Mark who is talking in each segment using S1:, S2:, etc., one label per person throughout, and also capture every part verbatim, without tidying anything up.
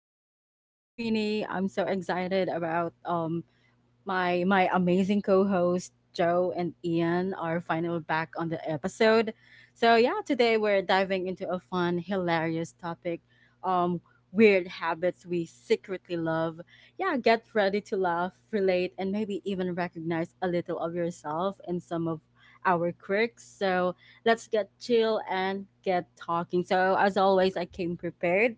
S1: chill talks with Queenie. I'm so excited about um, my my amazing co-host Joe and Ian are finally back on the episode. So yeah, today we're diving into a fun, hilarious topic. Um Weird habits we secretly love. Yeah, get ready to laugh, relate and maybe even recognize a little of yourself in some of our quirks. So let's get chill and get talking. So as always, I came prepared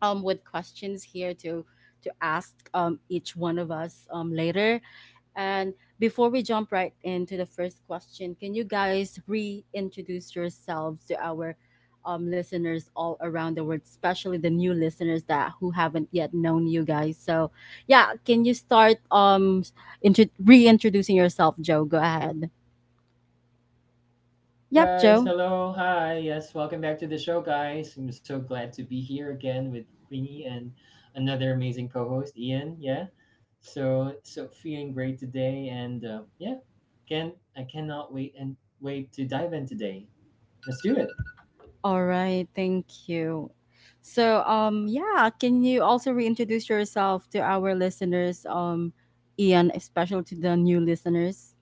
S1: um with questions here to to ask um each one of us um later, and before we jump right into the first question, can you guys reintroduce yourselves to our um, listeners all around the world, especially the new listeners that who haven't yet known you guys? So, yeah, can you start um intro- reintroducing yourself, Joe? Go ahead.
S2: Hi
S1: Yep,
S2: guys,
S1: Joe.
S2: hello, hi, yes, welcome back to the show, guys. I'm so glad to be here again with Queenie and another amazing co-host, Ian. Yeah, so so feeling great today, and uh, yeah, can I cannot wait and wait to dive in today. Let's do it.
S1: All right, thank you. So, um, yeah, can you also reintroduce yourself to our listeners, um, Ian, especially to the new listeners?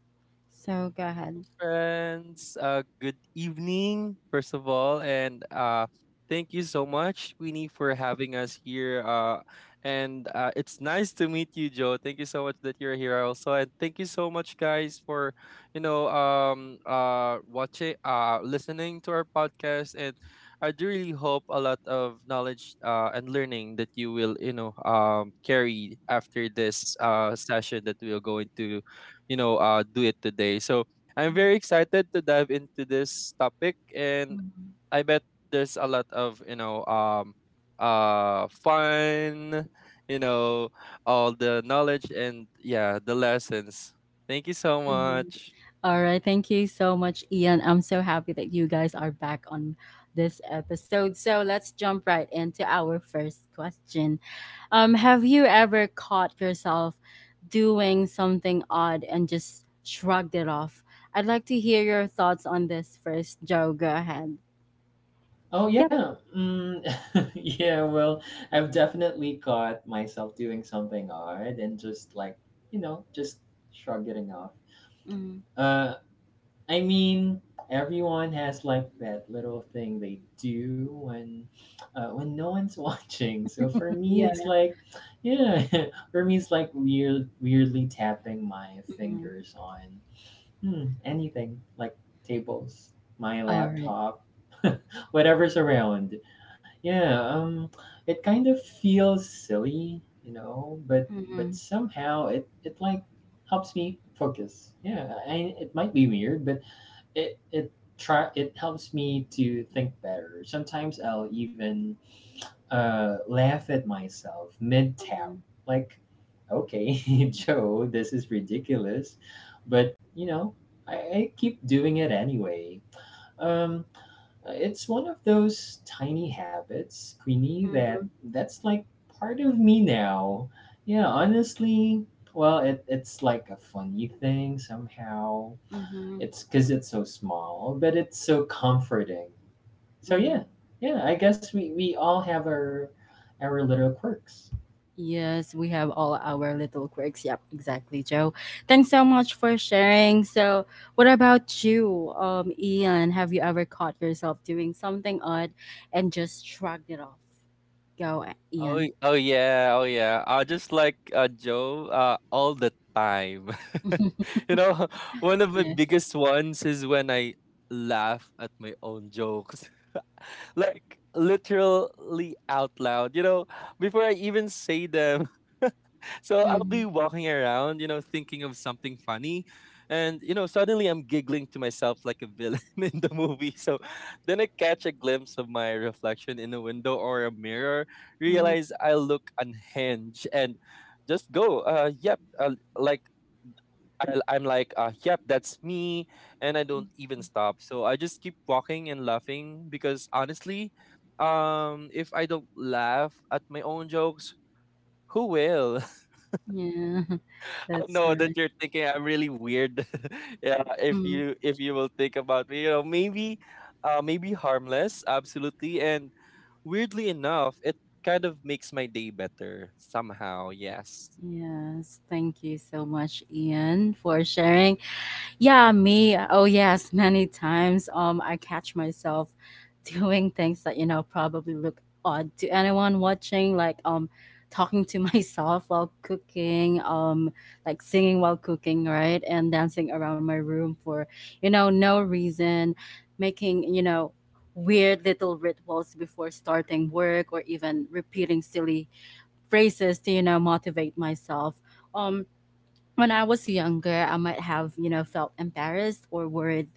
S1: So go ahead.
S3: Friends. Uh, good evening, first of all, and uh, thank you so much, Queenie, for having us here. Uh, and uh, It's nice to meet you, Joe. Thank you so much that you're here also, and thank you so much, guys, for you know um uh watching uh listening to our podcast. And I do really hope a lot of knowledge uh and learning that you will you know um carry after this uh session that we'll go into you know uh do it today, so I'm very excited to dive into this topic. And
S1: Mhm.
S3: I bet there's a lot of you know um uh fun, you know, all the knowledge and, yeah, the lessons. Thank you so
S1: Mhm.
S3: much.
S1: All right. Thank you so much, Ian. I'm so happy that you guys are back on this episode. So let's jump right into our first question. Um, have you ever caught yourself doing something odd and just shrugged it off? I'd like to hear your thoughts on this first, Joe. Go ahead.
S2: Oh
S1: Yep.
S2: yeah, mm, yeah. Well, I've definitely caught myself doing something odd and just like you know, just shrugging it off.
S1: Mhm.
S2: Uh, I mean, everyone has like that little thing they do when uh, when no one's watching. So for me, it's
S1: Yeah.
S2: like, yeah, for me it's like weird, weirdly tapping my
S1: Mhm.
S2: fingers on hmm, anything like tables, my
S1: All right.
S2: laptop, whatever's around. Yeah, um, it kind of feels silly, you know, but but
S1: Mhm.
S2: somehow it it like helps me focus. Yeah, I, it might be weird, but it it try it helps me to think better. Sometimes I'll even uh, laugh at myself mid tap,
S1: Mhm.
S2: like, okay, Joe, this is ridiculous, but you know, I, I keep doing it anyway. Um, it's one of those tiny habits, Queenie, that
S1: Mhm.
S2: that's like part of me now. Yeah, honestly, well, it, it's like a funny thing somehow.
S1: Mhm.
S2: It's because it's so small, but it's so comforting. So yeah,
S1: Mhm.
S2: yeah, I guess we, we all have our our little quirks.
S1: Yes, we have all our little quirks. Yep, exactly, Joe. Thanks so much for sharing. So, what about you, um, Ian? Have you ever caught yourself doing something odd and just shrugged it off? Go,
S3: Oh
S1: Ian.
S3: y- oh yeah, oh yeah. I just like, uh, Joe, uh, all the time. you know, one of my
S1: Yeah.
S3: biggest ones is when I laugh at my own jokes. Like literally out loud, you know, before I even say them. So I'll
S1: Mm-hmm.
S3: be walking around, you know, thinking of something funny. And, you know, suddenly I'm giggling to myself like a villain in the movie. So then I catch a glimpse of my reflection in a window or a mirror,
S1: Hmm.
S3: realize I look unhinged, and just go, uh, yep, uh, like I, I'm like, uh, yep, that's me. And I don't even stop. So I just keep walking and laughing because honestly, um, if I don't laugh at my own jokes, who will?
S1: Yeah,
S3: I
S1: that's
S3: know
S1: right.
S3: that you're thinking I'm really weird. Yeah, if
S1: Mhm.
S3: you if you will think about me, you know, maybe, uh, maybe harmless, absolutely. And weirdly enough, it kind of makes my day better somehow. Yes,
S1: Yes, thank you so much, Ian, for sharing. Yeah, me. Oh, yes, many times. Um, I catch myself doing things that you know probably look odd to anyone watching, like um, talking to myself while cooking, um, like singing while cooking, right, and dancing around my room for you know no reason, making you know weird little rituals before starting work, or even repeating silly phrases to you know motivate myself. Um, when I was younger, I might have, you know, felt embarrassed or worried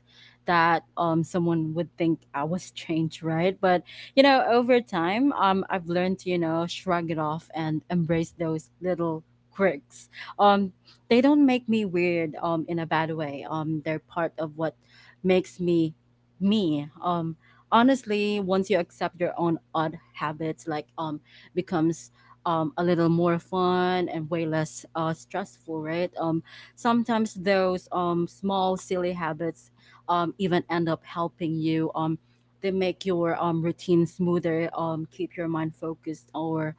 S1: that um, someone would think I was strange, right? But, you know, over time, um, I've learned to, you know, shrug it off and embrace those little quirks. Um, they don't make me weird um, in a bad way. Um, they're part of what makes me me. Um, honestly, once you accept your own odd habits, like um, becomes um, a little more fun and way less uh, stressful, right? Um, sometimes those um, small, silly habits um, even end up helping you. Um, they make your um, routine smoother, um, keep your mind focused, or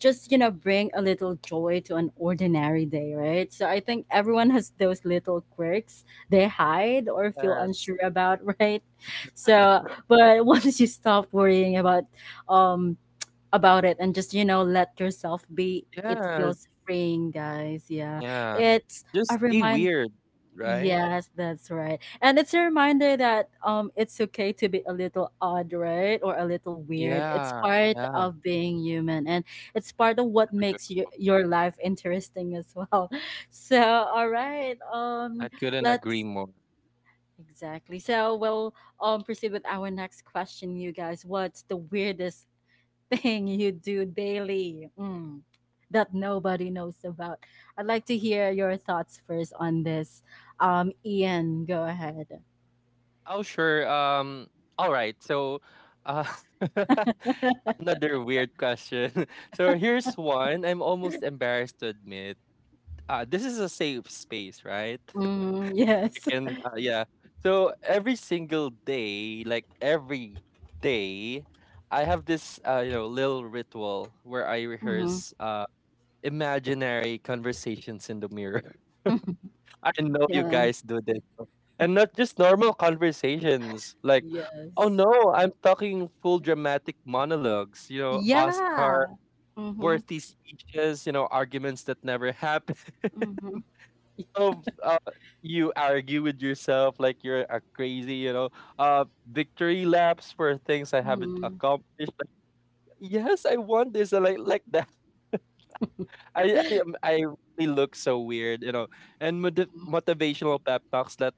S1: just, you know, bring a little joy to an ordinary day, right? So I think everyone has those little quirks they hide or feel
S3: yes,
S1: unsure about, right? So, but once you stop worrying about um, about it and just you know let yourself be, it
S3: yeah,
S1: feels freeing, guys. Yeah,
S3: yeah.
S1: it's a
S3: Just stay
S1: remind—
S3: weird, right?
S1: Yes, that's right, and it's a reminder that um it's okay to be a little odd, right? Or a little weird. It's
S3: Yeah,
S1: part
S3: yeah,
S1: of being human, and it's part of what makes
S3: true.
S1: you, your life interesting as well. So all right,
S3: I
S1: um
S3: couldn't agree
S1: let's
S3: more.
S1: exactly, so we'll um proceed with our next question, you guys. What's the weirdest thing you do daily, mm, that nobody knows about. I'd like to hear your thoughts first on this. Um, Ian, go ahead.
S3: Oh, sure. Um, all right. So, uh, another weird question. So here's one I'm almost embarrassed to admit. Uh, this is a safe space, right?
S1: Mm, yes.
S3: And uh, yeah. So every single day, like every day, I have this, uh, you know, little ritual where I
S1: Mm-hmm.
S3: rehearse uh imaginary conversations in the mirror. I know you
S1: Yeah.
S3: guys do this. And not just normal conversations. Like, oh
S1: Yes.
S3: no, I'm talking full dramatic monologues, you know, Oscar
S1: Yeah. Mm-hmm.
S3: worthy speeches, you know, arguments that never happen.
S1: Mm-hmm.
S3: So, uh, you argue with yourself like you're a crazy, you know, uh, victory laps for things I haven't
S1: Mm-hmm.
S3: accomplished. Like, yes, I want this. I like, like that. I, I, um, I really look so weird, you know. And motiv- motivational pep talks that.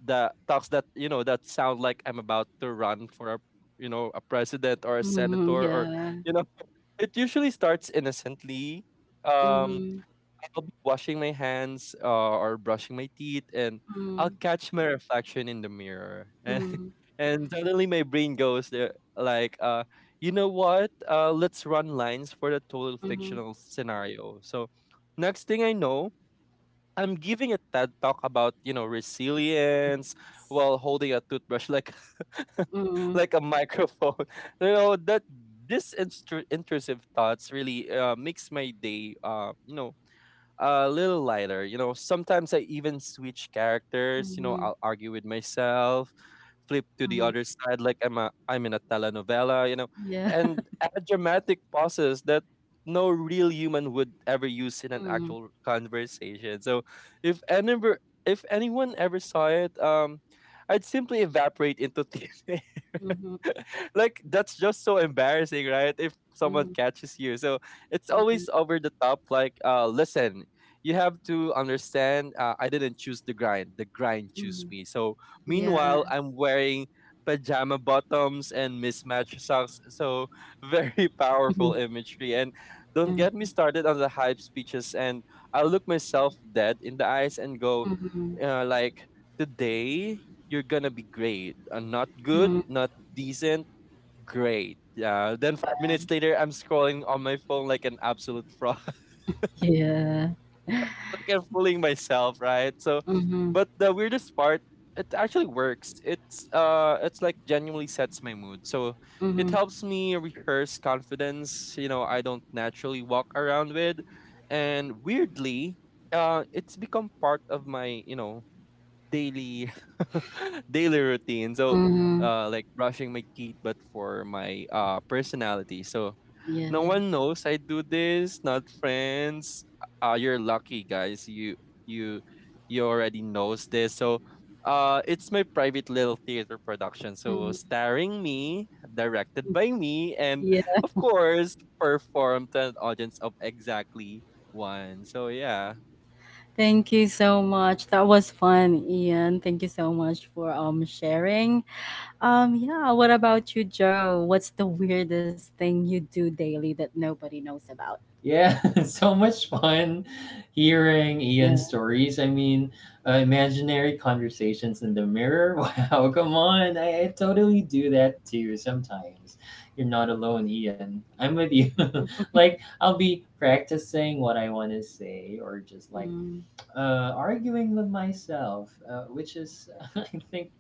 S3: The talks that, you know, that sound like I'm about to run for, a you know, a president or a senator
S1: Mm-hmm.
S3: or,
S1: Yeah.
S3: you know, it usually starts innocently. Um,
S1: Mm-hmm.
S3: I'll be washing my hands, uh, or brushing my teeth, and I'll
S1: Mm-hmm.
S3: catch my reflection in the mirror, and
S1: Mm-hmm.
S3: and suddenly my brain goes there like, uh, you know what? Uh, let's run lines for the total
S1: Mm-hmm.
S3: fictional scenario. So next thing I know, I'm giving a TED talk about, you know, resilience while holding a toothbrush like
S1: Mm-hmm.
S3: like a microphone. You know, that this instru- intrusive thoughts really, uh, makes my day, uh, you know, a little lighter. You know, sometimes I even switch characters. You know,
S1: Mm-hmm.
S3: I'll argue with myself, flip to the
S1: Mm-hmm.
S3: other side like I'm a I'm in a telenovela. You know,
S1: Yeah.
S3: and add dramatic pauses that no real human would ever use in an
S1: Mm-hmm.
S3: actual conversation. So, if any if anyone ever saw it, um, I'd simply evaporate into thin air.
S1: Mm-hmm.
S3: Like that's just so embarrassing, right? If someone
S1: Mm-hmm.
S3: catches you. So it's
S1: Yeah.
S3: always over the top like, uh, listen, you have to understand, uh, I didn't choose the grind. The grind choose
S1: Mm-hmm.
S3: me. So
S1: Yeah.
S3: meanwhile, I'm wearing pajama bottoms and mismatched socks. So very powerful
S1: Mm-hmm.
S3: imagery. And don't get me
S1: Mm-hmm.
S3: started on the hype speeches, and I look myself dead in the eyes and go,
S1: Mhm,
S3: uh, like, today you're gonna be great. Uh, not good,
S1: mm.
S3: not decent. Great. Yeah. Then five minutes later, I'm scrolling on my phone like an absolute fraud.
S1: Yeah.
S3: Like I'm fooling myself, right? So,
S1: Mhm,
S3: but the weirdest part, it actually works. It's uh, it's like genuinely sets my mood. So it
S1: mhm,
S3: helps me rehearse confidence. You know, I don't naturally walk around with, and weirdly, uh, it's become part of my, you know, daily daily routine. So,
S1: mhm.
S3: uh, like brushing my teeth, but for my uh personality. So
S1: Yeah.
S3: no one knows I do this, not friends. Uh, you're lucky, guys. You you you already knows this. So, uh, it's my private little theater production. So,
S1: Mhm.
S3: starring me, directed by me, and
S1: Yeah.
S3: of course, performed to an audience of exactly one. So yeah,
S1: Thank you so much. That was fun, Ian. Thank you so much for um sharing. Um yeah, what about you, Joe? What's the weirdest thing you do daily that nobody knows about?
S2: Yeah, so much fun hearing
S1: Yeah.
S2: Ian's stories. I mean, uh, imaginary conversations in the mirror. Wow, come on. I, I totally do that too sometimes. You're not alone, Ian. I'm with you.
S1: Mhm,
S2: like, I'll be practicing what I want to say or just like
S1: mhm,
S2: uh, arguing with myself, uh, which is, I think,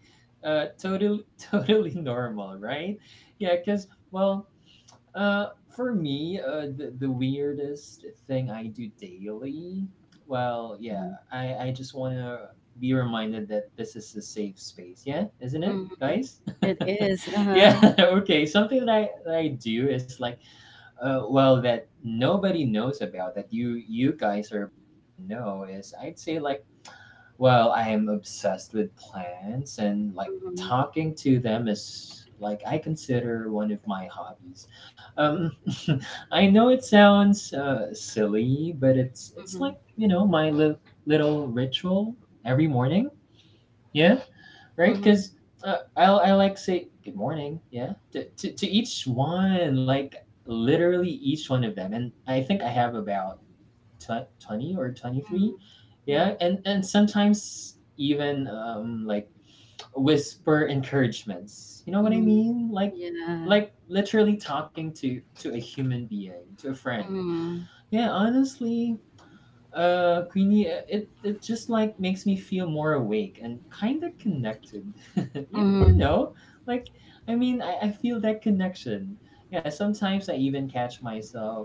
S2: uh, totally, totally normal, right? Yeah, because, well, uh, for me, uh, the, the weirdest thing I do daily, well, yeah, I, I just want to be reminded that this is a safe space. Yeah, isn't it,
S1: mhm, mhm.
S2: guys?
S1: It is.
S2: yeah,
S1: Uh-huh.
S2: okay. Something that I, that I do is like, uh, well, that nobody knows about, that you, you guys are about to know is I'd say like well, I am obsessed with plants and like
S1: Mhm,
S2: talking to them is like I consider one of my hobbies. Um, I know it sounds uh, silly, but it's it's
S1: mhm,
S2: like you know my li- little ritual every morning. Yeah, right.
S1: mhm,
S2: Because uh, I I like say good morning. Yeah, to, to to each one, like literally each one of them, and I think I have about tw- twenty or
S1: mhm,
S2: twenty-three. Yeah,
S1: mhm,
S2: and and sometimes even um like whisper encouragements, you know what I
S1: mhm.
S2: mean? like
S1: Yeah.
S2: like literally talking to to a human being, to a friend.
S1: Mhm,
S2: Yeah, honestly, uh, Queenie, uh, it it just like makes me feel more awake and kind of connected. you, you
S1: mhm,
S2: know, like I mean, I, I feel that connection. Yeah, sometimes I even catch myself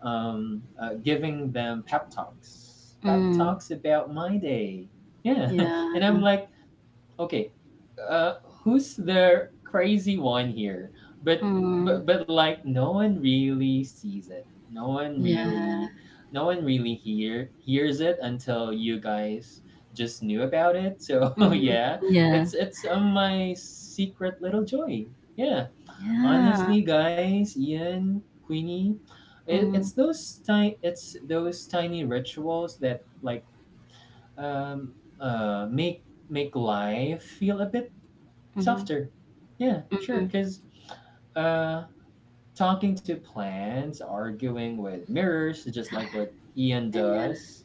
S2: um, uh, giving them pep talks, pep
S1: mhm.
S2: talks about my day. Yeah,
S1: Yeah.
S2: and I'm like, okay, uh who's the crazy one here? But
S1: Mm.
S2: but but like no one really sees it, no one
S1: Yeah.
S2: really, no one really hear hears it until you guys just knew about it, so
S1: Mhm.
S2: yeah.
S1: Yeah.
S2: It's it's uh, my secret little joy. Yeah,
S1: Yeah.
S2: honestly, guys, Ian, Queenie, it, it's
S1: Mm.
S2: those tiny it's those tiny rituals that like um uh make make life feel a bit
S1: Mhm.
S2: softer. Yeah, sure.
S1: Mhm.
S2: Because uh, talking to plants, arguing with mirrors, just like what Ian
S1: Yeah.
S2: does,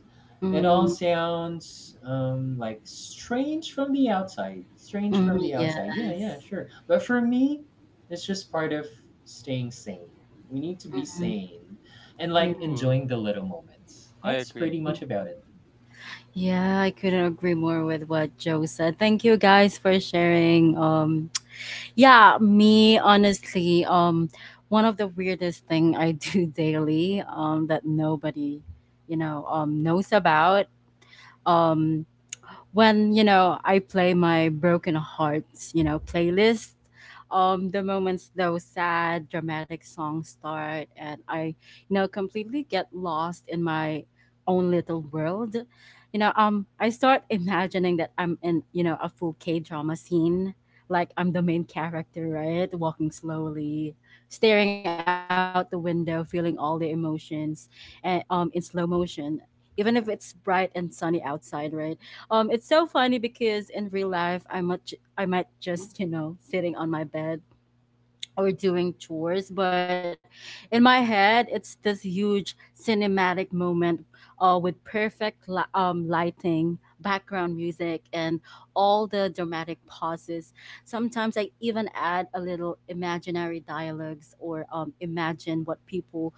S2: it all
S1: Mm.
S2: sounds um, like strange from the outside. Strange from
S1: Mhm.
S2: the outside. Yeah, yeah,
S1: Yes.
S2: sure. But for me, it's just part of staying sane. We need to be
S1: Mhm.
S2: sane and like
S1: Yeah.
S3: true.
S2: enjoying the little moments.
S3: I
S2: That's
S3: agree.
S2: pretty
S1: Yeah.
S2: much about it.
S1: Yeah, I couldn't agree more with what Joe said. Thank you guys for sharing. Um, yeah, me honestly, um, one of the weirdest thing I do daily, um, that nobody, you know, um, knows about. Um, when you know I play my broken hearts, you know, playlist. Um, the moments those sad, dramatic songs start, and I, you know, completely get lost in my own little world. You know, um, I start imagining that I'm in, you know, a full K drama scene, like I'm the main character, right? Walking slowly, staring out the window, feeling all the emotions, and um, in slow motion. Even if it's bright and sunny outside, right? Um, it's so funny because in real life, I might ju- I might just you know sitting on my bed or doing chores, but in my head, it's this huge cinematic moment, uh, with perfect li- um lighting, background music, and all the dramatic pauses. Sometimes I even add a little imaginary dialogues or um imagine what people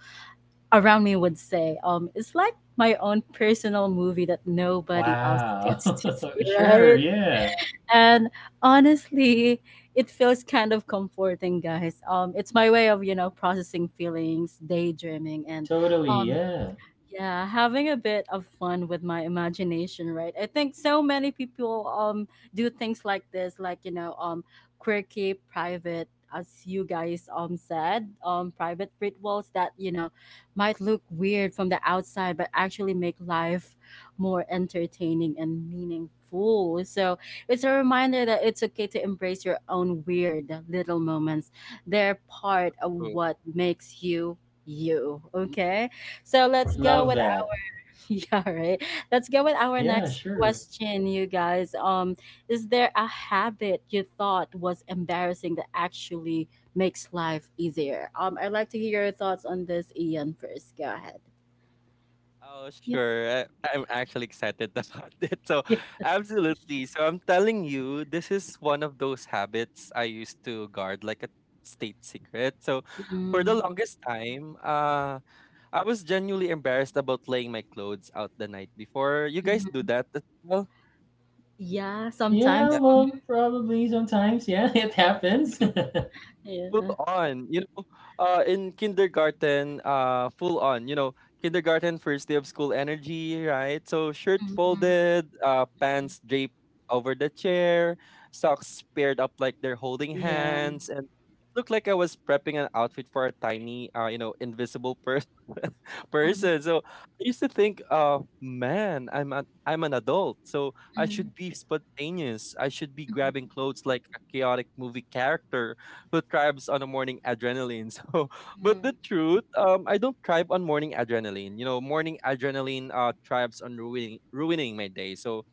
S1: around me would say, um, it's like my own personal movie that nobody else
S2: Wow.
S1: gets to see,
S2: sure.
S1: right?
S2: Yeah.
S1: And honestly, it feels kind of comforting, guys. Um, it's my way of, you know, processing feelings, daydreaming, and
S2: Totally.
S1: um,
S2: Yeah.
S1: yeah, having a bit of fun with my imagination, right? I think so many people um do things like this, like you know, um quirky private as you guys um said, um private rituals that, you know, might look weird from the outside but actually make life more entertaining and meaningful. So, it's a reminder that it's okay to embrace your own weird little moments. They're part of
S3: True.
S1: what makes you you, okay? So let's go
S2: Love
S1: with
S2: that.
S1: our, yeah, right. Let's go with
S2: Uh,
S1: our
S2: yeah,
S1: next
S2: sure.
S1: question, you guys. Um, is there a habit you thought was embarrassing that actually makes life easier? Um, I'd like to hear your thoughts on this, Ian. First, go ahead.
S3: Oh,
S1: Yep.
S3: sure. I, I'm actually excited about it. So, absolutely. So, I'm telling you, this is one of those habits I used to guard like a state secret. So, for the longest time, uh, I was genuinely embarrassed about laying my clothes out the night before. You
S1: Yeah. Mhm,
S3: guys do
S1: mhm.
S3: that as well?
S1: Yeah,
S2: Yeah,
S1: sometimes.
S2: well, probably sometimes. Yeah, it
S1: Mhm,
S2: happens.
S1: mhm.
S3: Full
S1: Yeah.
S3: on, you know, uh, in kindergarten, uh, full on, you know, kindergarten, first day of school energy, right? So shirt
S1: Mhm, mhm.
S3: folded, uh, pants draped over the chair, socks paired up like they're holding
S1: Yeah.
S3: hands, and it looked like I was prepping an outfit for a tiny, uh, you know, invisible person.
S1: Mhm, mhm, mhm,
S3: Person. So I used to think, uh, man, I'm an I'm an adult, so I should be spontaneous. I should be
S1: mhm.
S3: grabbing clothes like a chaotic movie character who thrives on a morning adrenaline. So, but the truth, um, I don't thrive on morning adrenaline. You know, morning adrenaline uh thrives on ruining ruining my day. So,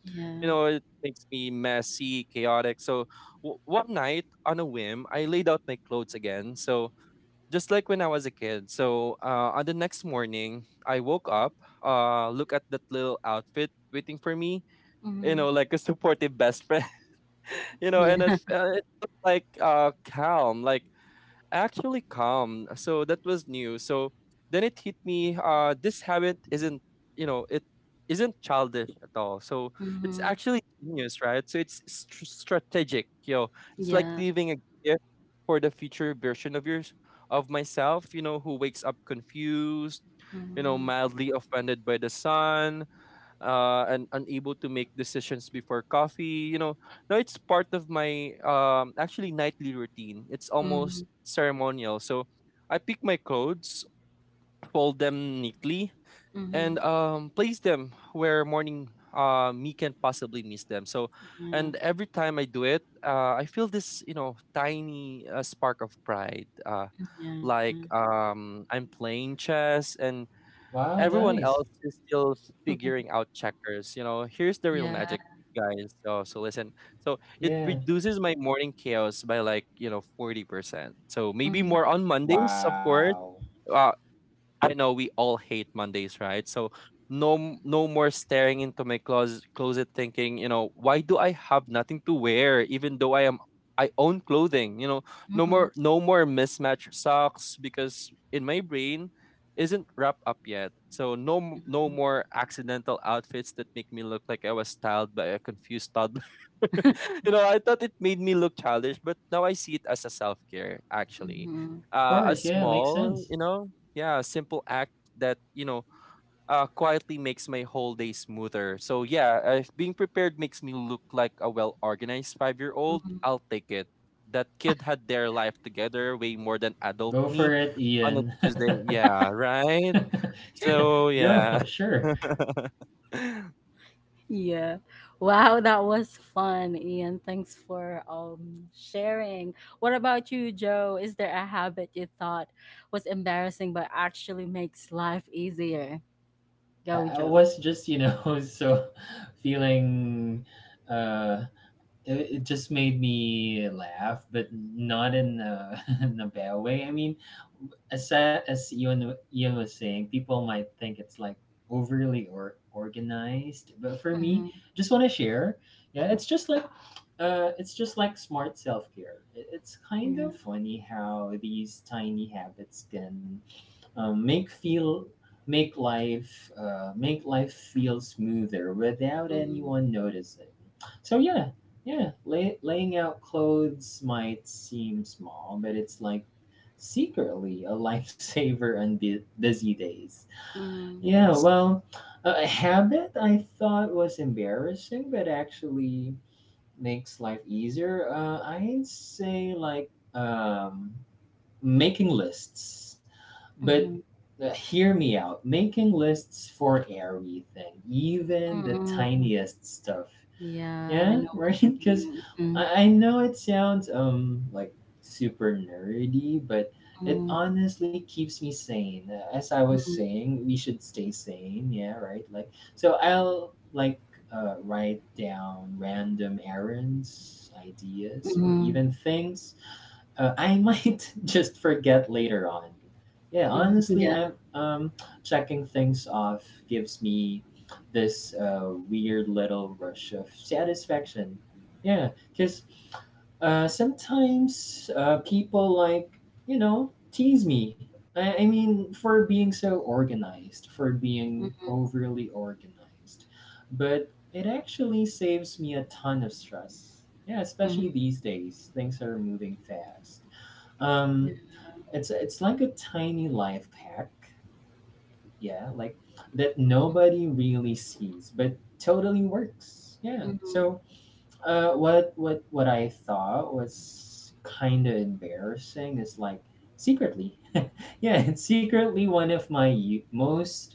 S3: you
S1: Yeah.
S3: know, it makes me messy, chaotic. So, w- one night on a whim, I laid out my clothes again. So, just like when I was a kid. So, uh, on the next morning, I woke up, uh, look at that little outfit waiting for me. You
S1: Mhm.
S3: know, like a supportive best friend. You know,
S1: Yeah.
S3: and it, uh, it looked like uh calm, like actually calm. So that was new. So then it hit me. Uh, this habit isn't, you know, it isn't childish at all. So it's
S1: Mhm.
S3: actually genius, right? So it's str strategic. You know, it's like
S1: Yeah.
S3: leaving a gift for the future version of yours of myself. You know, who wakes up confused. You know,
S1: Mhm.
S3: mildly offended by the sun, uh, and unable to make decisions before coffee. You know, no, it's part of my, um, actually nightly routine. It's almost
S1: Mhm.
S3: ceremonial. So I pick my clothes, fold them neatly, and,
S1: Mhm.
S3: um, place them where morning uh me can possibly miss them. So,
S1: Yeah,
S3: and every time I do it, uh, I feel this, you know, tiny, uh, spark of pride. Uh,
S1: yeah,
S3: like, um, I'm playing chess and
S2: wow,
S3: everyone
S2: nice.
S3: else is still figuring out checkers. You know, here's the real
S1: yeah.
S3: magic, guys. So, so listen. So it
S2: Yeah.
S3: reduces my morning chaos by, like, you know, forty percent. So maybe
S1: Hmm.
S3: more on Mondays, of course.
S2: Wow.
S3: Uh, I know we all hate Mondays, right? So no m- no more staring into my closet closet thinking, you know, why do I have nothing to wear even though I am I own clothing, you know, no
S1: Hmm.
S3: more no more mismatched socks because in my brain isn't wrapped up yet. So no m- no more accidental outfits that make me look like I was styled by a confused toddler. You know, I thought it made me look childish, but now I see it as a self-care actually.
S1: Hmm.
S2: Of
S3: Uh, a
S2: course. Yeah, makes
S3: small,
S2: sense.
S3: you know, yeah, a simple act that, you know, uh, quietly makes my whole day smoother. So yeah, uh, if being prepared makes me look like a well-organized five-year-old,
S1: Hmm.
S3: I'll take it. That kid had their life together way more than adult
S2: Go
S3: me
S2: for it,
S3: on a
S2: Ian.
S3: Tuesday. Yeah, right? So
S2: Go,
S3: yeah.
S2: sure.
S1: Yeah. Wow, that was fun, Ian. Thanks for um sharing. What about you, Joe? Is there a habit you thought was embarrassing but actually makes life easier?
S2: Yeah,
S1: Go,
S2: I
S1: Joe.
S2: was just, you know, so feeling uh it, it just made me laugh, but not in a, in a bad way. I mean, as sa- as Ian Ian was saying, people might think it's like overly or organized, but for me,
S1: Mm-hmm.
S2: just want to share. Yeah, it's just like uh, it's just like smart self care. It's kind
S1: Yeah.
S2: of funny how these tiny habits can um, make feel make life uh, make life feel smoother without
S1: Mm-hmm.
S2: anyone noticing. So yeah, yeah, lay, laying out clothes might seem small but it's like secretly a lifesaver on bu- busy days.
S1: Mm-hmm.
S2: Yeah,
S3: Yes.
S2: well, a habit I thought was embarrassing but actually makes life easier, uh, I'd say like um making lists. But
S1: Mm-hmm.
S2: uh, hear me out. Making lists for everything, even the
S1: Mm-hmm.
S2: tiniest stuff.
S1: Yeah, I
S2: Yeah,
S1: know
S2: right.
S1: what you
S2: Because
S1: mean.
S2: I, I know it sounds um like super nerdy, but it
S1: Mm-hmm.
S2: honestly keeps me sane. Uh, As I was
S1: Mm-hmm.
S2: saying, we should stay sane. Yeah, right. Like so, I'll like uh, write down random errands, ideas, or
S1: Mm-hmm.
S2: even things uh, I might just forget later on. Yeah,
S1: Mm-hmm.
S2: honestly,
S1: Yeah.
S2: I'm um checking things off gives me this uh, weird little rush of satisfaction. Yeah, because uh, sometimes uh, people like you know tease me. I, I mean, for being so organized, for
S1: Mm-hmm.
S2: being overly organized, but it actually saves me a ton of stress. Yeah,
S1: Mm-hmm.
S2: especially these days, things are moving fast.
S1: Yeah.
S2: Um, it's it's like a tiny life hack, yeah, like that nobody really sees but totally works. Yeah,
S1: Mm-hmm.
S2: so uh what what what I thought was kind of embarrassing is like secretly, yeah, it's secretly one of my u- most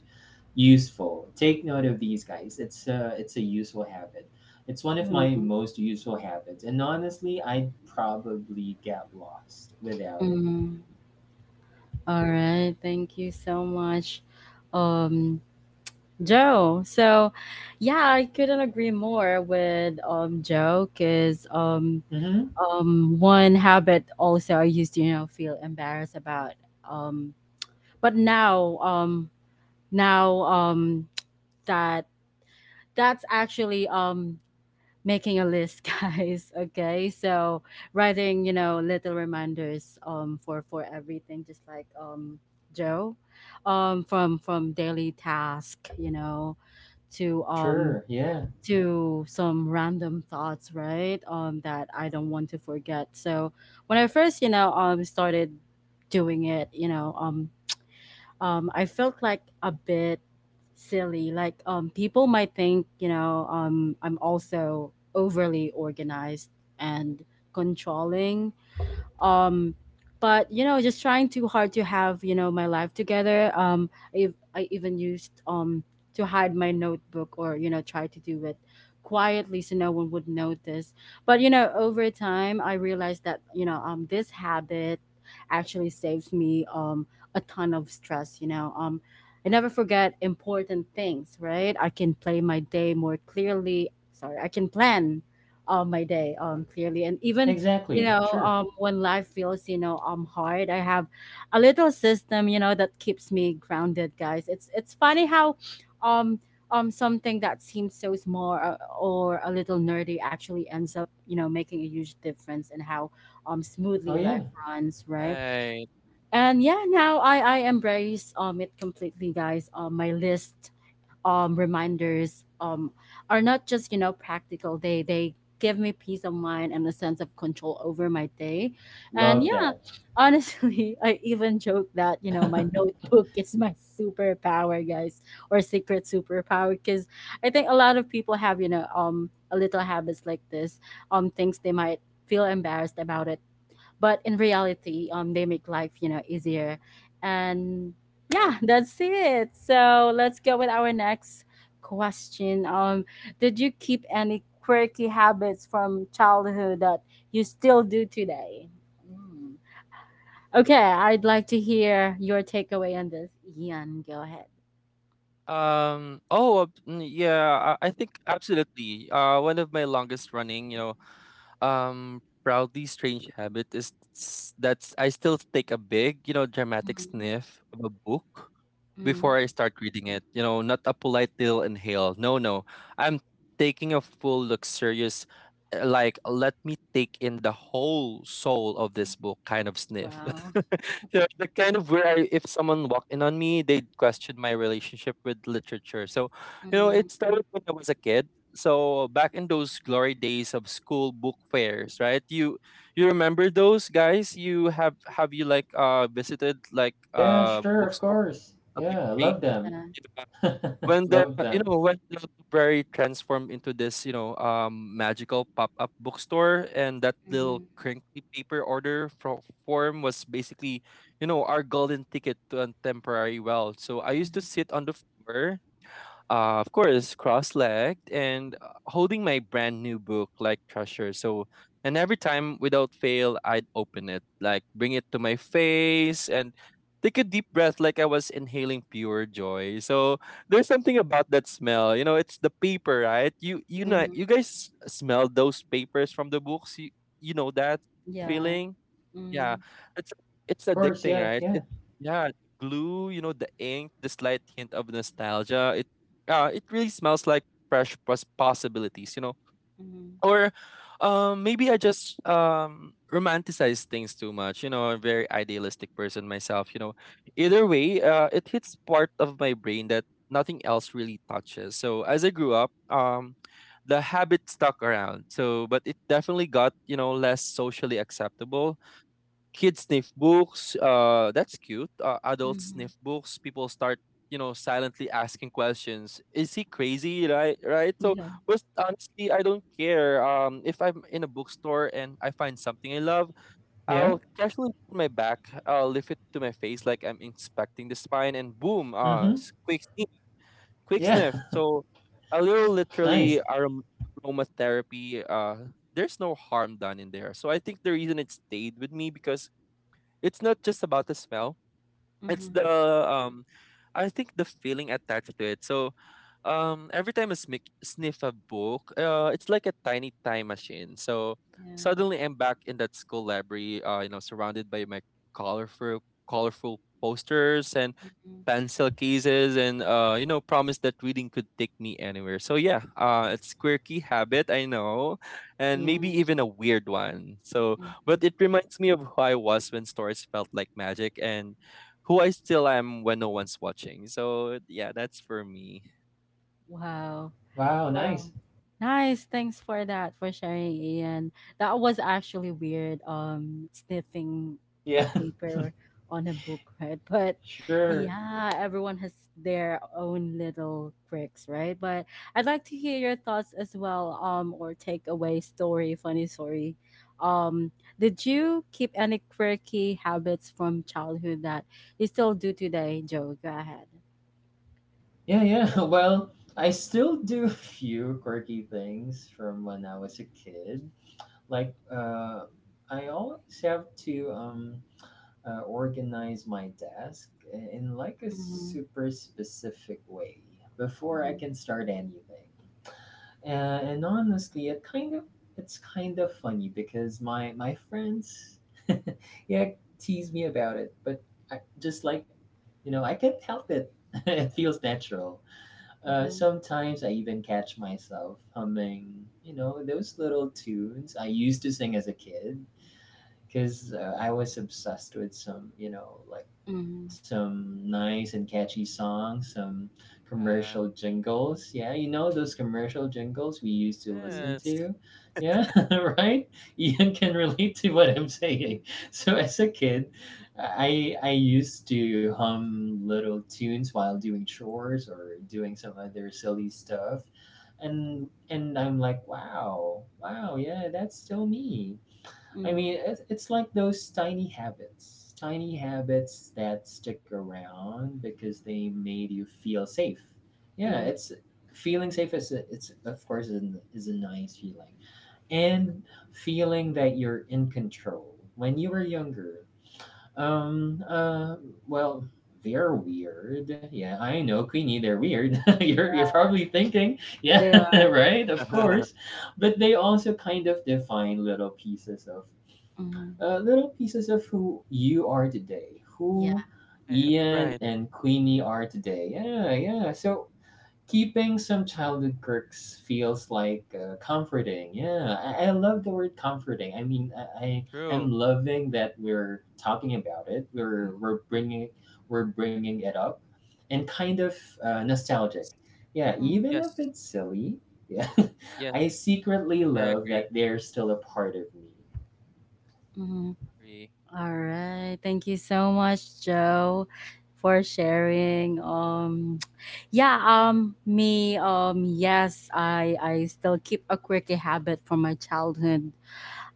S2: useful, take note of these, guys, it's uh it's a useful habit, it's one of my
S1: Mhm,
S2: most useful habits, and honestly I'd probably get lost without
S1: mhm. Alright, thank you so much, um, Joe. So, yeah, I couldn't agree more with um Joe, because um
S2: it. Mm-hmm.
S1: um one habit also I used to you know feel embarrassed about, um but now, um now, um that that's actually um making a list, guys. Okay, so writing, you know little reminders, um for for everything, just like um Joe, um from from daily task, you know, to um
S2: Sure. Yeah.
S1: to some random thoughts, right? Um that I don't want to forget. So when I first, you know um started doing it, you know um um, I felt like a bit silly. Like um, people might think, you know, um, I'm also overly organized and controlling, um but you know just trying too hard to have, you know my life together. um i, I even used um to hide my notebook, or you know try to do it quietly so no one would notice. But you know over time I realized that, you know um this habit actually saves me um a ton of stress. you know um I never forget important things, right? I can play my day more clearly, sorry, I can plan um, my day um clearly, and even, you
S2: Exactly.
S1: know
S2: Sure.
S1: um when life feels, you know um hard, I have a little system, you know that keeps me grounded, guys. It's it's funny how um um something that seems so small, or, or a little nerdy actually ends up you know making a huge difference in how um
S2: Oh
S1: smoothly life
S2: yeah.
S1: runs, right?
S3: Right,
S1: And yeah, now i i embrace um it completely, guys. Um my list, um, reminders, um, are not just, you know practical. They they give me peace of mind and a sense of control over my day. And
S2: Love
S1: yeah,
S2: that.
S1: honestly, I even joke that you know my notebook is my superpower, guys, or secret superpower. Because I think a lot of people have, you know um a little habits like this, um things they might feel embarrassed about it, but in reality, um they make life, you know easier. And
S3: right.
S1: yeah, that's it. So let's go with our next question. Um did you keep any quirky habits from childhood that you still do today? Mm. Okay, I'd like to hear your takeaway on this, Ian. Go ahead.
S3: Um. Oh, uh, mm, yeah. I I think absolutely. Uh, one of my longest running, you know, um, proudly strange habit is s- that's I still take a big, you know, dramatic
S1: Mm.
S3: sniff of a book
S1: Mm.
S3: before I start reading it. You know, not a polite little inhale. No, no. I'm taking a full luxurious, uh, like, let me take in the whole soul of this book kind of sniff.
S1: Wow.
S3: the, the kind of where I, if someone walked in on me, they'd question my relationship with literature. So, you know,
S1: Mm.
S3: it started when I was a kid. So back in those glory days of school book fairs, right? You you remember those, guys? You have have you like uh visited like
S2: yeah,
S3: uh
S2: sure, of
S3: bookstores?
S2: course.
S3: A
S2: Yeah, love
S3: library.
S2: them.
S1: Yeah.
S3: you know, When the
S2: love
S3: you
S2: them.
S3: know when the library transformed into this you know um magical pop up bookstore, and that little
S1: mm
S3: crinkly paper order fro- form was basically you know our golden ticket to a temporary world. So I used to
S1: mm
S3: sit on the floor, uh, of course, cross-legged and uh, holding my brand new book like treasure. So, and every time without fail, I'd open it, like bring it to my face and take a deep breath like I was inhaling pure joy. So, there's something about that smell. You know, it's the paper, right? You you know,
S1: mm
S3: you guys smell those papers from the books. You you know that
S1: yeah
S3: feeling? Yeah,
S1: mm
S3: it's it's
S2: Of course,
S3: addicting,
S2: yeah,
S3: right?
S2: yeah.
S3: It, yeah, glue, you know, the ink, the slight hint of nostalgia. It uh, it really smells like fresh pos- possibilities, you know.
S1: mm
S3: Or um maybe I just um romanticize things too much, you know, I'm a very idealistic person myself, you know. Either way, uh it hits part of my brain that nothing else really touches. So as I grew up, um the habit stuck around. So but it definitely got, you know, less socially acceptable. Kids sniff books. Uh, that's cute. Uh, adults
S1: mm
S3: sniff books. People start, you know, silently asking questions. Is he crazy? Right, right. So,
S1: yeah.
S3: but honestly, I don't care. Um, if I'm in a bookstore and I find something I love,
S2: Yeah?
S3: I'll casually put my back. I'll lift it to my face like I'm inspecting the spine, and boom! Uh,
S2: Mm-hmm.
S3: s- quick sniff, quick
S2: Yeah.
S3: sniff. So, a little literally
S2: nice.
S3: arom- aromatherapy. Uh, there's no harm done in there. So I think the reason it stayed with me because it's not just about the smell, it's
S1: hmm
S3: the um, I think the feeling attached to it. So, um, every time I smic sniff a book, uh, it's like a tiny time machine. So
S1: Yeah.
S3: suddenly I'm back in that school library. Uh, you know, surrounded by my colorful, colorful posters and
S1: Mhm.
S3: pencil cases and, uh you know, promise that reading could take me anywhere. So yeah, uh it's quirky habit, I know, and maybe
S1: Yeah.
S3: even a weird one. So but
S1: Mhm.
S3: it reminds me of who I was when stories felt like magic, and who I still am when no one's watching. So yeah, that's for me.
S1: Wow.
S2: Wow,
S1: Wow.
S2: nice.
S1: Nice. Thanks for that, for sharing, Ian. That was actually weird, um, sniffing a
S2: Yeah,
S1: paper on a book, right? But
S2: sure.
S1: yeah, everyone has their own little quirks, right? But I'd like to hear your thoughts as well, um, or takeaway story, funny story. Um, did you keep any quirky habits from childhood that you still do today, Joe? Go ahead.
S2: Yeah, yeah. Well, I still do a few quirky things from when I was a kid. Like, uh, I always have to um, uh, organize my desk in like a
S1: Mhm,
S2: super specific way before I
S1: mhm,
S2: can start anything. And, and honestly, it kind of it's kind of funny because my my friends, yeah, tease me about it, but I just like, you know, I can't help it. it feels natural. Uh,
S1: mhm,
S2: sometimes I even catch myself humming, you know, those little tunes I used to sing as a kid because uh, I was obsessed with some, you know, like
S1: mhm, mhm,
S2: some nice and catchy songs, some
S3: Yeah.
S2: commercial jingles. Yeah, you know those commercial jingles we used to listen
S3: Yes.
S2: to? Yeah, right? Ian can relate to what I'm
S1: yeah,
S2: saying. So as a kid, I I used to hum little tunes while doing chores or doing some other silly stuff. And and I'm like, wow, wow, yeah, that's still me. I mean,
S1: mhm,
S2: it's, it's like those tiny habits, tiny habits that stick around because they made you feel safe. Yeah,
S1: mhm,
S2: it's feeling safe is a- it's of course is a, is a nice feeling, and feeling that you're in control. When you were younger, um, uh, well, they're weird. Yeah, I know, Queenie, they're weird.
S1: yeah,
S2: you're you're probably thinking, yeah,
S1: They are.
S2: right, of course, but they also kind of define little pieces of
S1: Mhm,
S2: uh, little pieces of who you are today,
S1: yeah.
S2: who
S3: Right,
S2: Ian
S3: right.
S2: and Queenie are today. Yeah, yeah. So keeping some childhood quirks feels like uh, comforting. Yeah, I-, I love the word comforting. I mean, I, I
S3: True.
S2: I'm loving that we're talking about it.
S1: Mhm,
S2: We're we're bringing we're bringing it up, and kind of uh, nostalgic.
S3: Yes.
S2: Yeah,
S1: mhm,
S2: even if
S3: Yes.
S2: it's silly. Yeah,
S3: Yes.
S2: I secretly
S3: I
S2: love that
S3: agree.
S2: they're still a part of me.
S1: mhm.
S3: Agree.
S1: All right. Thank you so much, Joe, for sharing. Um, yeah. Um, me. Um, yes. I I still keep a quirky habit from my childhood.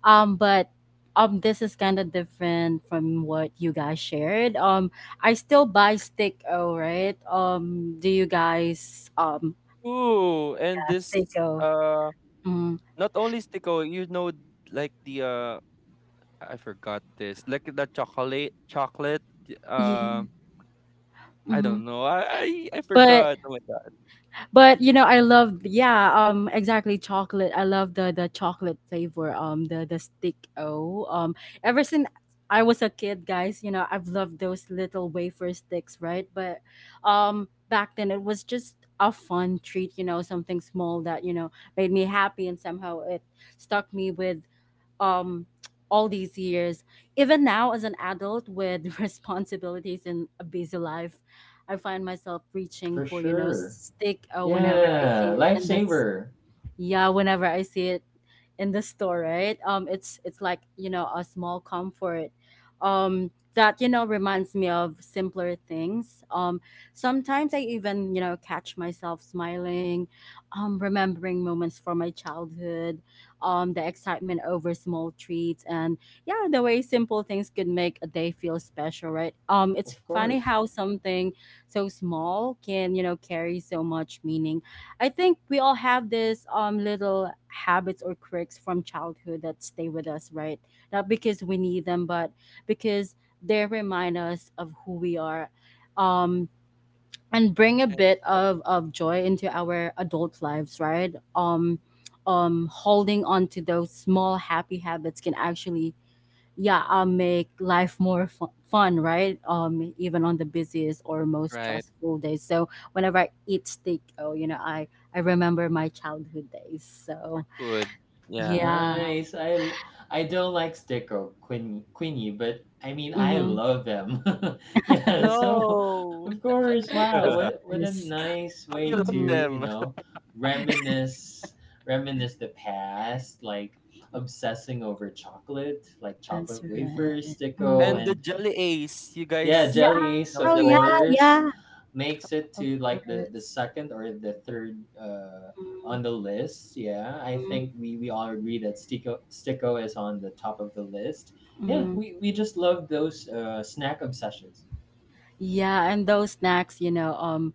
S1: Um, but um, This is kind of different from what you guys shared. Um, I still buy sticko, right? Um, do you guys um
S3: Ooh, and
S1: yeah,
S3: this
S1: steak.
S3: uh
S1: Mm,
S3: not only Stico, you know, like the uh I forgot this. Like the chocolate chocolate, uh
S1: yeah.
S3: I
S1: Mm-hmm.
S3: don't know. I I, I
S1: But
S3: forgot. Oh my god.
S1: but you know, i love yeah um exactly, chocolate, I love the the chocolate flavor, um the the stick o um Ever since I was a kid, guys, you know, I've loved those little wafer sticks, right? But um back then it was just a fun treat, you know, something small that, you know, made me happy, and somehow it stuck me with, um all these years. Even now, as an adult with responsibilities and a busy life, I find myself reaching
S2: For
S1: for, you know,
S2: sure.
S1: stick, uh, whenever I see
S2: Yeah,
S1: it. And that's,
S2: lifesaver,
S1: yeah, whenever I see it in the store, right? Um, it's it's like, you know, a small comfort, um, that, you know, reminds me of simpler things. Um, sometimes I even, you know, catch myself smiling, um, remembering moments from my childhood, um, the excitement over small treats, and yeah, the way simple things could make a day feel special, right? Um, it's
S2: of
S1: funny how
S2: course.
S1: something so small can, you know, carry so much meaning. I think we all have this um little habits or quirks from childhood that stay with us, right? Not because we need them, but because they remind us of who we are. Um and bring a
S3: Right,
S1: bit of, of joy into our adult lives, right? Um um holding on to those small happy habits can actually, yeah, uh, make life more fu- fun, right? Um even on the busiest or most
S3: right.
S1: stressful days. So whenever I eat steak, oh, you know, i i remember my childhood days.
S3: For
S1: So
S3: food. Yeah.
S1: yeah.
S2: Nice. I I l- I don't like stick or quinny quinny, but I mean I
S1: mm-hmm.
S2: love them. yeah. So of
S3: No.
S2: course, wow.
S1: Of
S3: How
S2: What what a
S1: course.
S2: nice
S3: do you
S2: way
S3: love
S2: to
S1: mm-hmm.
S2: you
S3: them?
S2: know reminisce reminisce the past, like obsessing over chocolate, like chocolate
S1: That's
S2: wafers,
S1: right.
S2: sticko,
S3: And the
S2: and
S1: mm-hmm.
S3: Jelly Ace, you
S2: Yeah,
S3: guys
S2: Jelly
S1: yeah
S2: Ace,
S3: know
S1: oh
S2: of
S1: yeah.
S3: Jelly Ace.
S2: course,
S1: yeah
S2: makes it
S1: of
S2: to like the the
S1: course.
S2: second or the third uh on the
S1: mm-hmm.
S2: list. Yeah, I think we we all agree that Stico Sticko is on the top of the list. Yeah,
S1: Mm-hmm.
S2: we we just love those uh snack obsessions
S1: Yeah, and those snacks, you know, um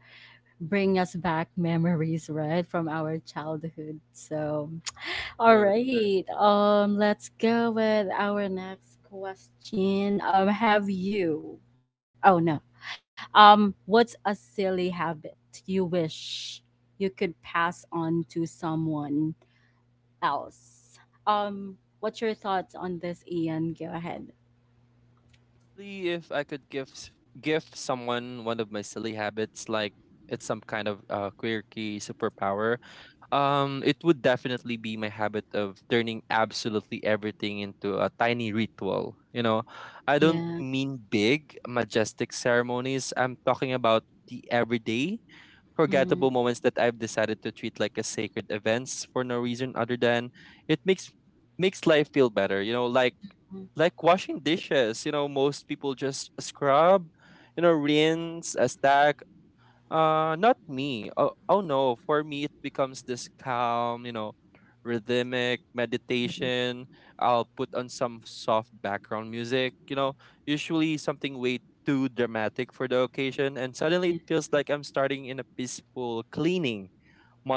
S1: bring us back memories, right, from our childhood. So all
S3: True, true.
S1: right. Um, let's go with our next question. Um, have you? Oh no. Um, what's a silly habit you wish you could pass on to someone else? Um, what's your thoughts on this, Ian? Go ahead.
S3: See if I could give s- give someone one of my silly habits, like it's some kind of uh, quirky superpower. Um, it would definitely be my habit of turning absolutely everything into a tiny ritual. You know, I
S1: Yeah.
S3: don't mean big, majestic ceremonies. I'm talking about the everyday,
S1: Mm,
S3: forgettable moments that I've decided to treat like a sacred events for no reason other than it makes makes life feel better. You know, like
S1: mm,
S3: like washing dishes. You know, most people just scrub, you know, rinse, a stack. Uh, not me. Oh, oh no, for me it becomes this calm, you know, rhythmic
S1: mhm.
S3: meditation. I'll put on some soft background music, you know, usually something way too dramatic for the occasion, and suddenly
S1: Yeah.
S3: it feels like I'm starting in a peaceful cleaning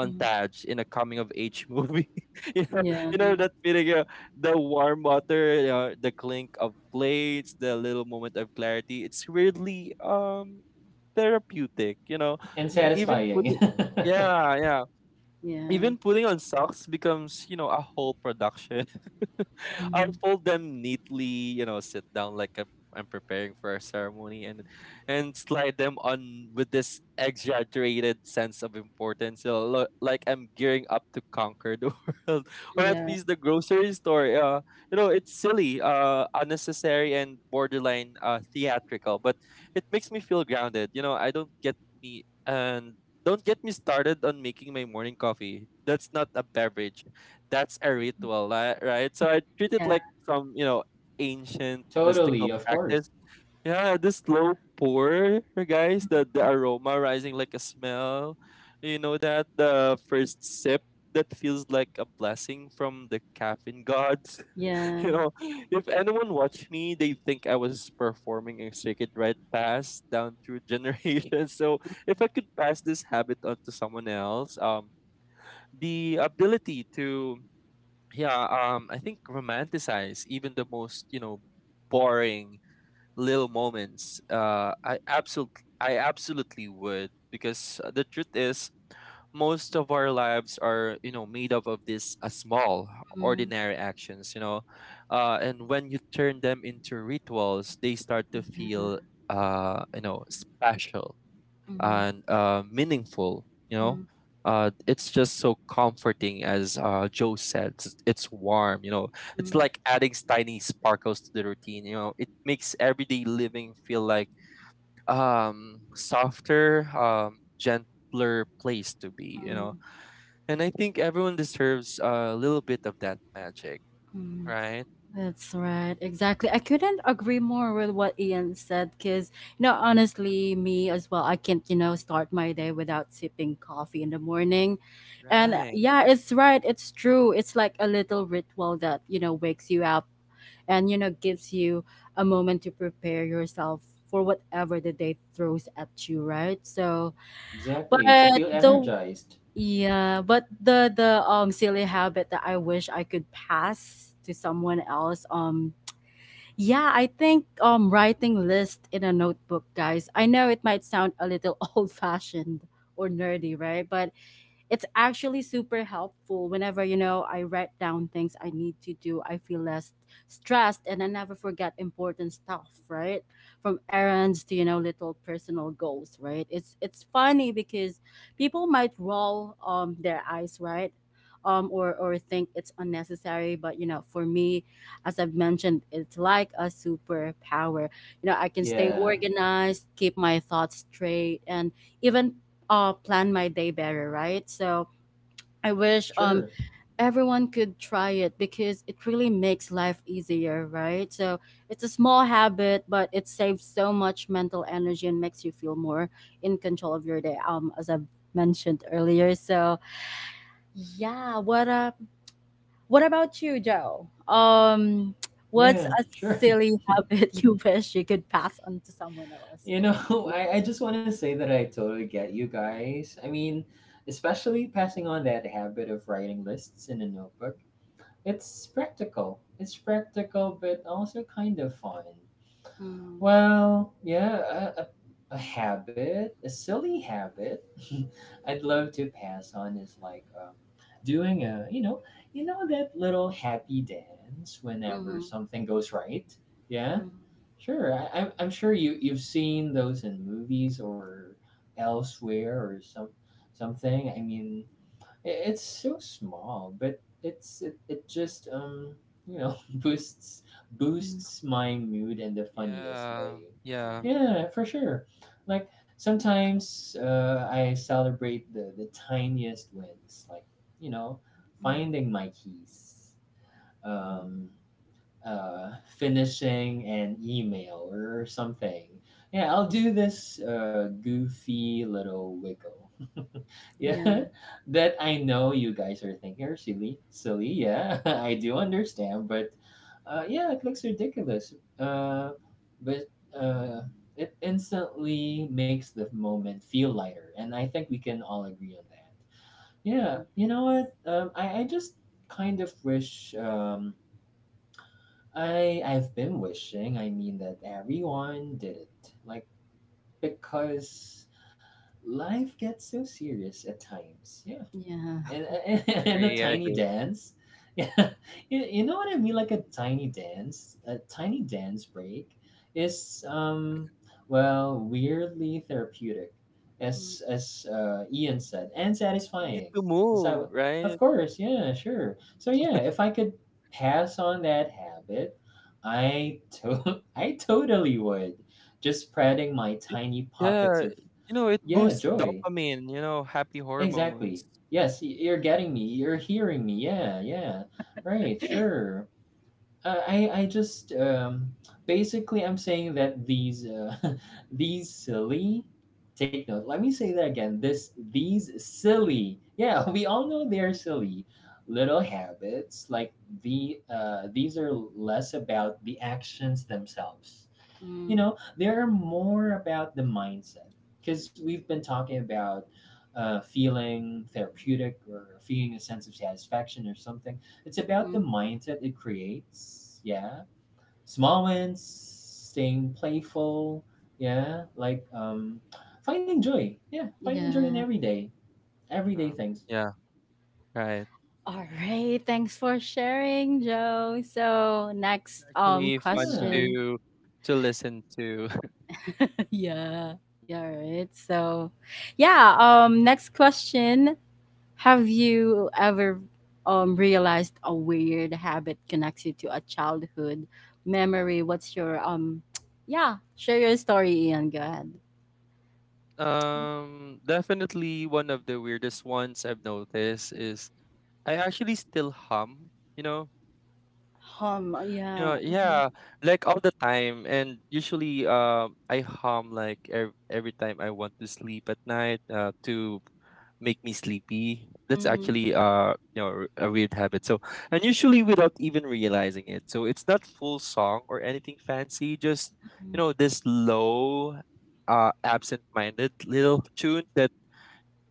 S1: mm,
S3: in a coming of age movie. You know,
S1: Yeah.
S3: you know that feeling, uh, the warm water, you know, the clink of plates, the little moment of clarity. It's weirdly um therapeutic. You know,
S2: and
S1: mm,
S3: even
S2: satisfying.
S3: putting yeah yeah
S1: Yeah.
S3: even putting on socks becomes, you know, a whole production. I'll
S1: mhm.
S3: fold them neatly, you know, sit down like I'm, I'm preparing for a ceremony and and slide them on with this exaggerated sense of importance. You know, lo- like I'm gearing up to conquer the world, or at
S1: Yeah.
S3: least the grocery store. Uh, you know, it's silly, uh, unnecessary and borderline uh, theatrical, but it makes me feel grounded. You know, I don't get me an don't get me started on making my morning coffee. That's not a beverage. That's a ritual, li- right? So I treat it
S1: Yeah.
S3: like some, you know, ancient
S2: totally,
S3: mystical
S2: of course.
S3: practice. Yeah, the slow pour, guys, the, the aroma rising like a smell. You know that the first sip that feels like a blessing from the caffeine gods. You
S1: Yeah.
S3: know, if anyone watched me, they think I was performing a sacred rite pass down through generations. So if I could pass this habit on to someone else, um, the ability to, yeah, um, I think romanticize even the most, you know, boring little moments. Uh, I absolutely, I absolutely would because uh, the truth is most of our lives are, you know, made up of these uh, small
S1: mm,
S3: ordinary actions, you know, uh, and when you turn them into rituals they start to
S1: Yeah.
S3: feel, uh, you know, special
S1: mm,
S3: and uh, meaningful, you know.
S1: mm,
S3: Uh, it's just so comforting. As uh, joe said, it's, it's warm, you know, it's
S1: mm,
S3: like adding tiny sparkles to the routine. You know, it makes everyday living feel like um softer, um gentler place to be, you
S1: mm.
S3: know. And I think everyone deserves a little bit of that magic,
S1: Mm,
S3: right?
S1: That's right. Exactly. I couldn't agree more with what Ian said, because, you know, honestly, me as well, I can't, you know, start my day without sipping coffee in the morning. And uh,
S3: Right.
S1: yeah, it's right. It's true. It's like a little ritual that, you know, wakes you up and, you know, gives you a moment to prepare yourself for whatever the day throws at you, right? So,
S2: Exactly, to
S1: but
S2: feel
S1: the
S2: energized.
S1: yeah, but the the um silly habit that I wish I could pass to someone else. Um yeah, I think, um writing list in a notebook, guys. I know it might sound a little old fashioned or nerdy, right? But it's actually super helpful. Whenever, you know, I write down things I need to do, I feel less stressed and I never forget important stuff, right, from errands to, you know, little personal goals, right? It's it's funny because people might roll um their eyes, right, um or or think it's unnecessary, but you know, for me, as I've mentioned, it's like a superpower. You know, I can stay
S2: Yeah,
S1: organized, keep my thoughts straight, and even uh plan my day better, right? So I wish um
S2: sure.
S1: everyone could try it, because it really makes life easier, right? So it's a small habit, but it saves so much mental energy and makes you feel more in control of your day. Um, as I mentioned earlier. So yeah, what up? What about you, Joe? Um, what's
S2: Yeah,
S1: a
S2: sure.
S1: silly habit you wish you could pass on to someone else?
S2: You
S1: Yeah.
S2: know, I, I just want to say that I totally get you guys. I mean, especially passing on that habit of writing lists in a notebook. It's practical. It's practical, but also kind of fun.
S1: Mm-hmm.
S2: Well, yeah, a, a, a habit, a silly habit I'd love to pass on is like um, doing a, you know, you know that little happy dance whenever
S1: Mm-hmm.
S2: something goes right? Yeah?
S1: Mm-hmm.
S2: Sure, I, I'm I'm sure you you've seen those in movies or elsewhere or some something. I mean, it, it's so small, but it's it, it just um you know boosts
S1: Mm-hmm.
S2: boosts my mood in the funniest way.
S3: Yeah. Yeah.
S1: Yeah.
S2: Yeah, for sure. Like sometimes uh, I celebrate the the tiniest wins, like you know
S1: Mm-hmm.
S2: finding my keys.
S1: Mm-hmm.
S2: Um, uh, Finishing an email or something. Yeah, I'll do this uh, goofy little wiggle.
S1: Yeah.
S2: Yeah, that I know you guys are thinking are silly, silly. Yeah, I do understand, but uh, yeah, it looks ridiculous. Uh, but uh, it instantly makes the moment feel lighter, and I think we can all agree on that. Yeah, you know what?
S1: Yes.
S2: Um, I I just kind of wish um I I've been wishing, I mean, that everyone did it. Like because life gets so serious at times. Yeah,
S1: Yeah.
S2: and, and,
S3: I
S2: and a
S3: agree. I
S2: tiny
S3: agree.
S2: dance. Yeah, you, you know what I mean? Like a tiny dance, a tiny dance break is um well weirdly therapeutic, as
S1: Mm,
S2: as uh, Ian said, and
S3: You need
S2: satisfying.
S3: to move,
S2: So of
S3: right?
S2: course, yeah, sure. So yeah, if I could pass on that habit, I to- I totally would. Just spreading my
S3: It,
S2: tiny pockets
S3: yeah.
S2: of
S3: You know, it
S2: yeah
S1: mm,
S3: boosts
S2: joy.
S3: dopamine, you know, happy
S2: Exactly.
S3: hormones.
S2: Yes, y- you're
S1: yeah.
S2: getting me. You're hearing me. Yeah, yeah. Right, sure. Uh, I I just um basically I'm saying that these uh, these silly, take note. Let me say that again. This, these silly. Yeah, we all know they're
S1: Mhm,
S2: silly little habits, like the uh these are less about the actions themselves, you
S1: mm,
S2: know, they're more about the mindset because we've been talking about uh, feeling therapeutic or feeling a sense of satisfaction or something. It's about the
S1: mhm.
S2: mindset it creates, yeah, small wins, staying playful, yeah, like um finding joy, yeah, finding joy in
S1: Yeah.
S2: everyday everyday
S3: Yeah.
S2: things.
S3: Yeah. Right.
S1: All right. Thanks for sharing, Joe. So next um
S3: Actually fun
S2: Yeah,
S1: question.
S3: to to listen to.
S1: Yeah. Yeah, right. So yeah, um next question. Have you ever um realized a weird habit connects you to a childhood memory? What's your um yeah, share your story, Ian. Go ahead.
S3: Um definitely one of the weirdest ones I've noticed is I actually still hum, you know,
S1: Home,
S3: you know,
S1: yeah. Mhm,
S3: yeah, like all the time. And usually, um, I hum like ev- every time I want to sleep at night, uh, to make me sleepy. That's
S1: mhm,
S3: actually, uh, you know, a weird habit. So, and usually without even realizing it. So it's not full song or anything fancy. Just, you
S1: mhm,
S3: know, this low, uh, absent-minded little tune that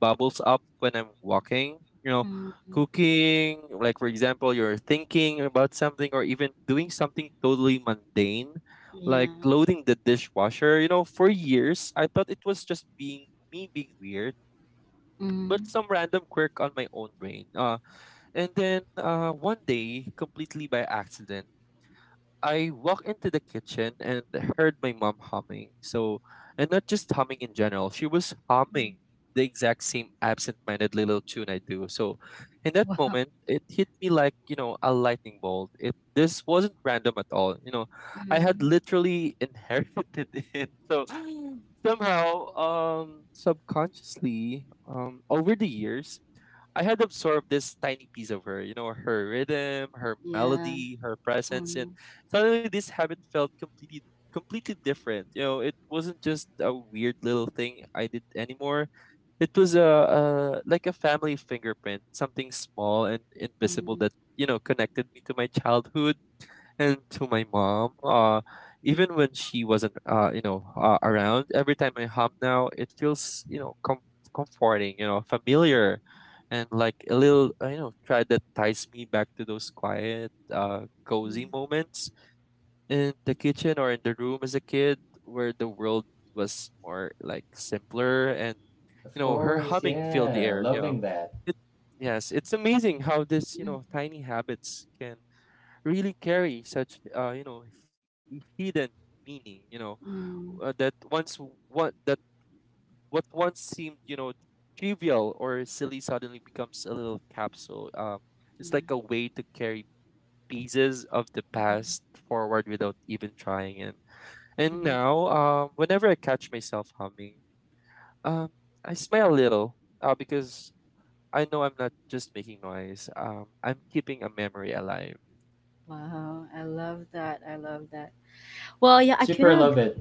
S3: bubbles up when I'm walking, you know,
S1: mhm.
S3: cooking, like for example, you're thinking about something or even doing something totally mundane, like
S1: Yeah.
S3: loading the dishwasher. You know, for years, I thought it was just being me being weird,
S1: Mhm,
S3: but some random quirk on my own brain. Uh, and then uh, one day, completely by accident, I walked into the kitchen and heard my mom humming. So, and not just humming in general, she was
S1: mhm.
S3: humming the exact same absent minded little tune I do. So, in that
S1: Wow.
S3: moment, it hit me like, you know, a lightning bolt. It, this wasn't random at all. You know, I had
S1: Mhm.
S3: literally inherited it. So, somehow, um, subconsciously, um, over the years, I had absorbed this tiny piece of her, you know, her rhythm, her
S1: Yeah.
S3: melody, her presence, and
S1: Mhm,
S3: suddenly this habit felt completely completely different. You know, it wasn't just a weird little thing I did anymore. It was a, a like a family fingerprint, something small and invisible
S1: mhm,
S3: that, you know, connected me to my childhood and to my mom, uh
S1: mhm,
S3: even when she wasn't, uh you know, uh, around. Every time I hum now it feels, you know, com- comforting, you know, familiar, and like a little, uh, you know, thread that ties me back to those quiet uh cozy
S1: mhm,
S3: moments in the kitchen or in the room as a kid where the world was more like simpler and,
S2: of
S3: you know, her
S2: course,
S3: humming filled the
S2: yeah,
S3: air, you know.
S2: loving that.
S3: It, yes, it's amazing how this, you
S1: mhm,
S3: know, tiny habits can really carry such, uh you know, h- hidden meaning, you know,
S1: mhm.
S3: uh, that once w- what that what once seemed, you know, trivial or silly suddenly becomes a little capsule. Um it's
S1: Yeah.
S3: like a way to carry pieces of the
S1: Mhm,
S3: past forward without even trying. and and
S1: mhm.
S3: now um whenever I catch myself humming, um I smile a little, uh, because I know I'm not just making noise. Um, I'm keeping a memory alive.
S1: Wow, I love that. I love that. Well, yeah, I
S2: Super
S1: couldn't
S2: love it.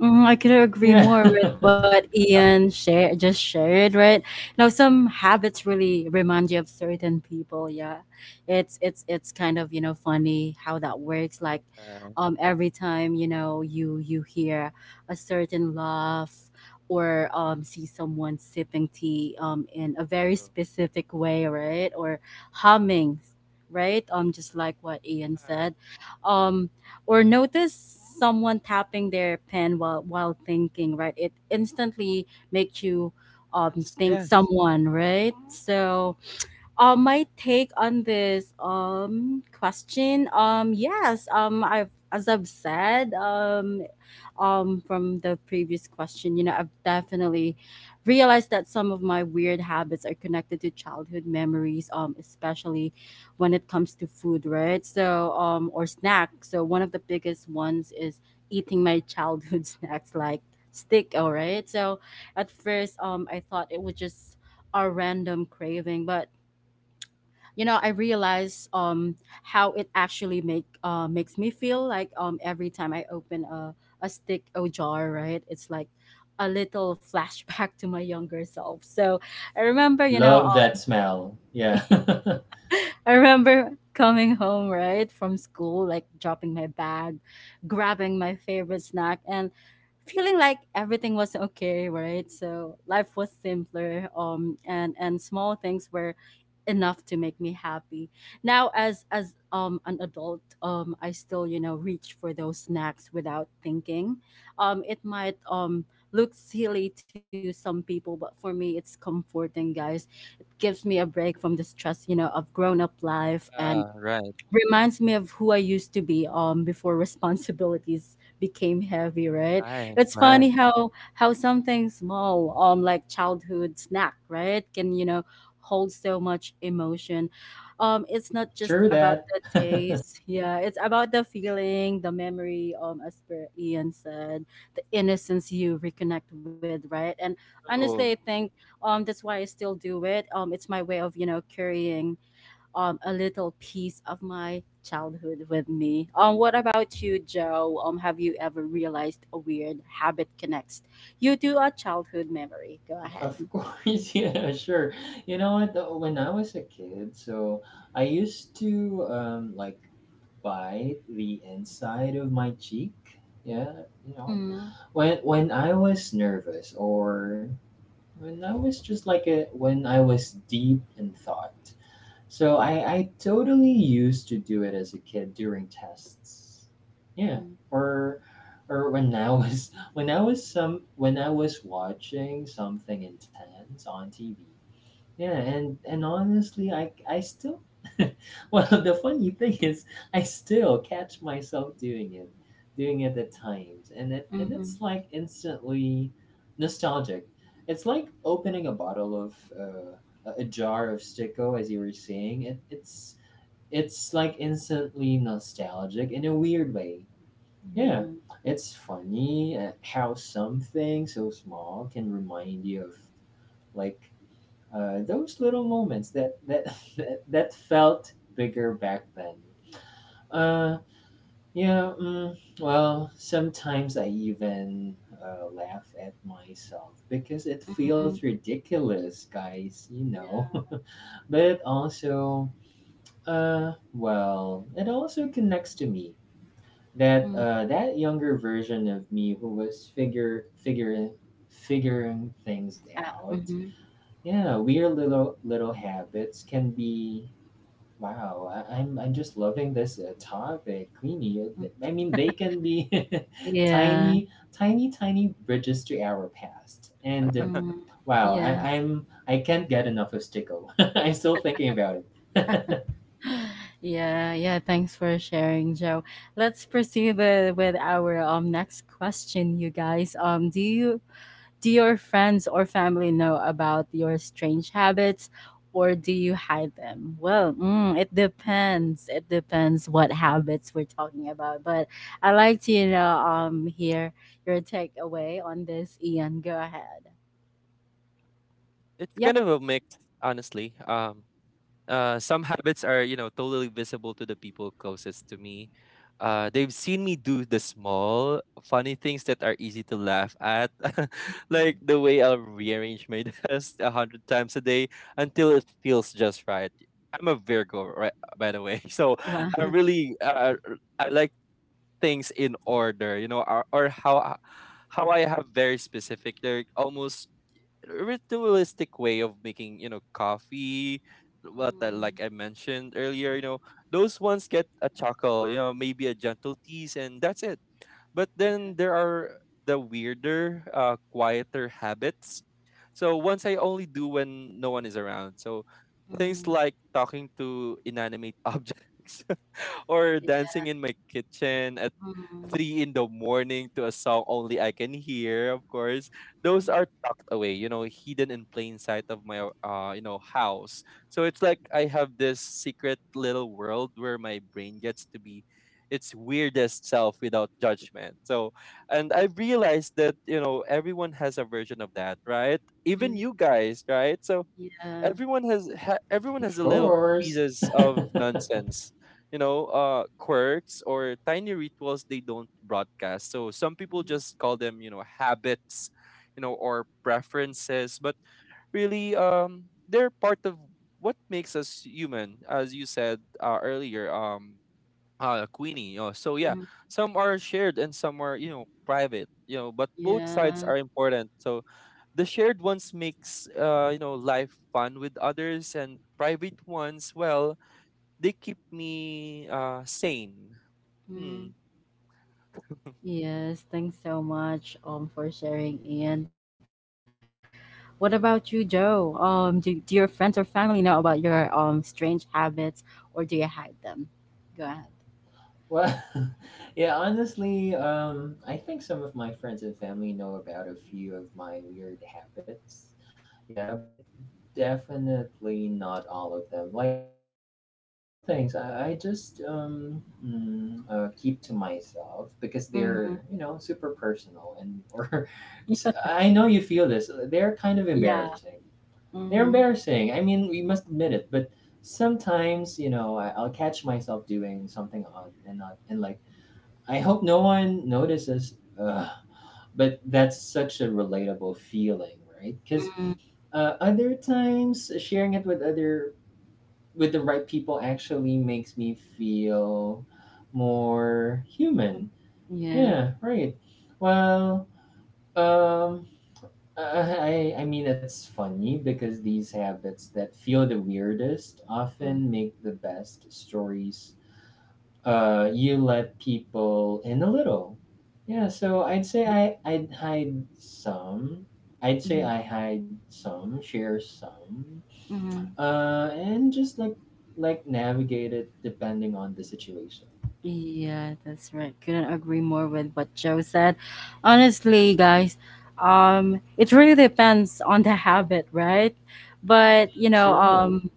S1: Mm, I could agree
S2: Yeah,
S1: more with what Ian share, just shared, right? You know, some habits really remind you of certain people. Yeah, it's it's it's kind of, you know, funny how that works. Like,
S3: Uh,
S1: um, every time, you know, you you hear a certain laugh or um see someone sipping tea um in a very
S3: so,
S1: specific way, right? Or humming, right? Um, just like what Ian
S3: uh,
S1: said, um or notice someone tapping their pen while while thinking, right? It instantly makes you um
S3: yes,
S1: think
S3: yes.
S1: someone, right? So uh, my take on this um question, um yes, um I've, as I've said, um um from the previous question, you know, I've definitely realized that some of my weird habits are connected to childhood memories, um especially when it comes to food, right? So, um or snacks. So one of the biggest ones is eating my childhood snacks, like stick. All right. So at first, um I thought it was just a random craving, but you know, I realize, um how it actually make uh makes me feel, like um every time I open a a stick o jar, right, it's like a little flashback to my younger self. So I remember, you know,
S2: love that
S1: um,
S2: smell, yeah.
S1: i remember coming home, right, from school, like dropping my bag, grabbing my favorite snack, and feeling like everything was okay, right? So life was simpler, um, and and small things were enough to make me happy. Now, as as um an adult, um, I still, you know, reach for those snacks without thinking. Um, it might um look silly to some people, but for me, it's comforting, guys. Gives me a break from the stress, you know, of grown up life, and
S3: Uh, right,
S1: reminds me of who I used to be um before responsibilities became heavy, right?
S3: right,
S1: It's funny
S3: right.
S1: how how something small, um like childhood snack, right, can, you know, hold so much emotion. Um it's not just
S2: True
S1: about
S2: that.
S1: the taste. Yeah, it's about the feeling, the memory, um as per Ian said, the innocence you reconnect with, right? And honestly, I
S3: So
S1: think um that's why I still do it. Um it's my way of, you know, carrying um, a little piece of my childhood with me. Um, what about you, Joe? Um, have you ever realized a weird habit connects you to a childhood memory? Go
S2: Of
S1: ahead.
S2: course, yeah, sure. You know what? uh, When I was a kid, so I used to um, like bite the inside of my cheek. Yeah, you know,
S1: Mm-hmm.
S2: when when I was nervous or when I was just like a when I was deep in thought. So I, I totally used to do it as a kid during tests. Yeah. Or or when I was when I was some when I was watching something intense on T V. Yeah, and and honestly, I I still well, the funny thing is I still catch myself doing it, doing it at times. And it and
S1: Mm-hmm.
S2: it's like instantly nostalgic. It's like opening a bottle of uh, a jar of sticko, as you were saying. It, it's it's like instantly nostalgic in a weird way. Yeah,
S1: Yeah.
S2: it's funny uh, how something so small can remind you of like uh, those little moments that that that, that felt bigger back then. Uh, yeah, mm, well, sometimes I even uh, laugh at myself because it feels
S1: Mm-hmm.
S2: ridiculous, guys, you
S1: Yeah.
S2: know. But it also, uh, well, it also connects to me that
S1: Mm,
S2: uh, that younger version of me who was figure figuring figuring things
S1: ah,
S2: out.
S1: mhm,
S2: Yeah, weird little little habits can be, wow, I, I'm I'm just loving this uh, topic, Queenie. Uh,
S1: mm
S2: th- I mean, they can be
S1: Yeah.
S2: tiny, tiny, tiny bridges to our past, and uh,
S1: Mm,
S2: wow,
S1: yes.
S2: I, I'm I can't get enough of Sticko. I'm still thinking about it.
S1: Yeah, yeah, thanks for sharing, Joe. Let's proceed with, with our um next question, you guys. Um, do you Do your friends or family know about your strange habits, or do you hide them? Well, mm, it depends. It depends what habits we're talking about. But I'd like to, you know, um, hear your takeaway on this, Ian. Go ahead.
S3: it's
S1: Yep.
S3: kind of a mix, honestly. Um, Uh, some habits are, you know, totally visible to the people closest to me. Uh, they've seen me do the small, funny things that are easy to laugh at, like
S1: Mhm.
S3: the way I'll rearrange my desk a hundred times a day until it feels just right. I'm a Virgo, right? By the way, so I'm
S1: Wow.
S3: really, uh, I like things in order, you know, or, or how I- how I have very specific, like almost ritualistic way of making, you know, coffee, what I,
S1: Mm,
S3: like I mentioned earlier, you know, those ones get a chuckle, you know, maybe a gentle tease and that's it. But then there are the weirder, uh, quieter habits, so once I only do when no one is around. So things
S1: mm,
S3: like talking to inanimate objects or dancing in my kitchen at
S1: yeah. Mm,
S3: three in the morning to a song only I can hear, of course. Those
S1: mm,
S3: are tucked away, you know, hidden in plain sight of my uh, you know, house. So it's like I have this secret little world where my brain gets to be its weirdest self without judgment. So and I've realized that, you know, everyone has a version of that, right? Even
S1: mm,
S3: you guys, right? So
S1: yeah.
S3: everyone has ha- everyone has
S2: Of
S3: a little
S2: course.
S3: pieces of nonsense, you know, uh quirks or tiny rituals they don't broadcast. So some people
S1: Mm,
S3: just call them, you know, habits, you know, or preferences, but really um they're part of what makes us human, as you said uh, earlier, um uh Queenie. Oh, so yeah,
S1: mm,
S3: some are shared and some are, you know, private. You know, but both sides
S1: yeah.
S3: are important. So the shared ones makes uh you know, life fun with others, and private ones, well, they keep me uh sane.
S1: Mm.
S3: Hmm.
S1: Yes, thanks so much um for sharing, Ian. What about you, Joe? Um, do, do your friends or family know about your um strange habits, or do you hide them? Go ahead.
S2: Well, yeah, honestly, um, I think some of my friends and family know about a few of my weird habits. Yeah, but definitely not all of them. Like, uh, some things I, I just um, mm, uh, keep to myself because they're,
S1: Mm-hmm.
S2: you know, super personal and or I know you feel this. They're kind of
S1: Yeah.
S2: embarrassing. They're
S1: Mm-hmm.
S2: embarrassing. I mean, we must admit it, but sometimes, you know, I, I'll catch myself doing something odd, and not, and like, I hope no one notices. Ugh. But that's such a relatable feeling, right? Because
S1: Mm-hmm.
S2: uh, other times, sharing it with other with the right people actually makes me feel more human.
S1: Yeah.
S2: Yeah, right. Well, um, uh, I, I mean, it's funny because these habits that feel the weirdest often make the best stories. Uh, you let people in a little. Yeah, so I'd say I, I'd hide some. I'd say
S1: Mm-hmm.
S2: I hide some, share some,
S1: Mm-hmm.
S2: uh, and just like like navigate it depending on the situation.
S1: Yeah, that's right. Couldn't agree more with what Joe said. Honestly, guys, um, it really depends on the habit, right? But you know,
S2: True.
S1: um,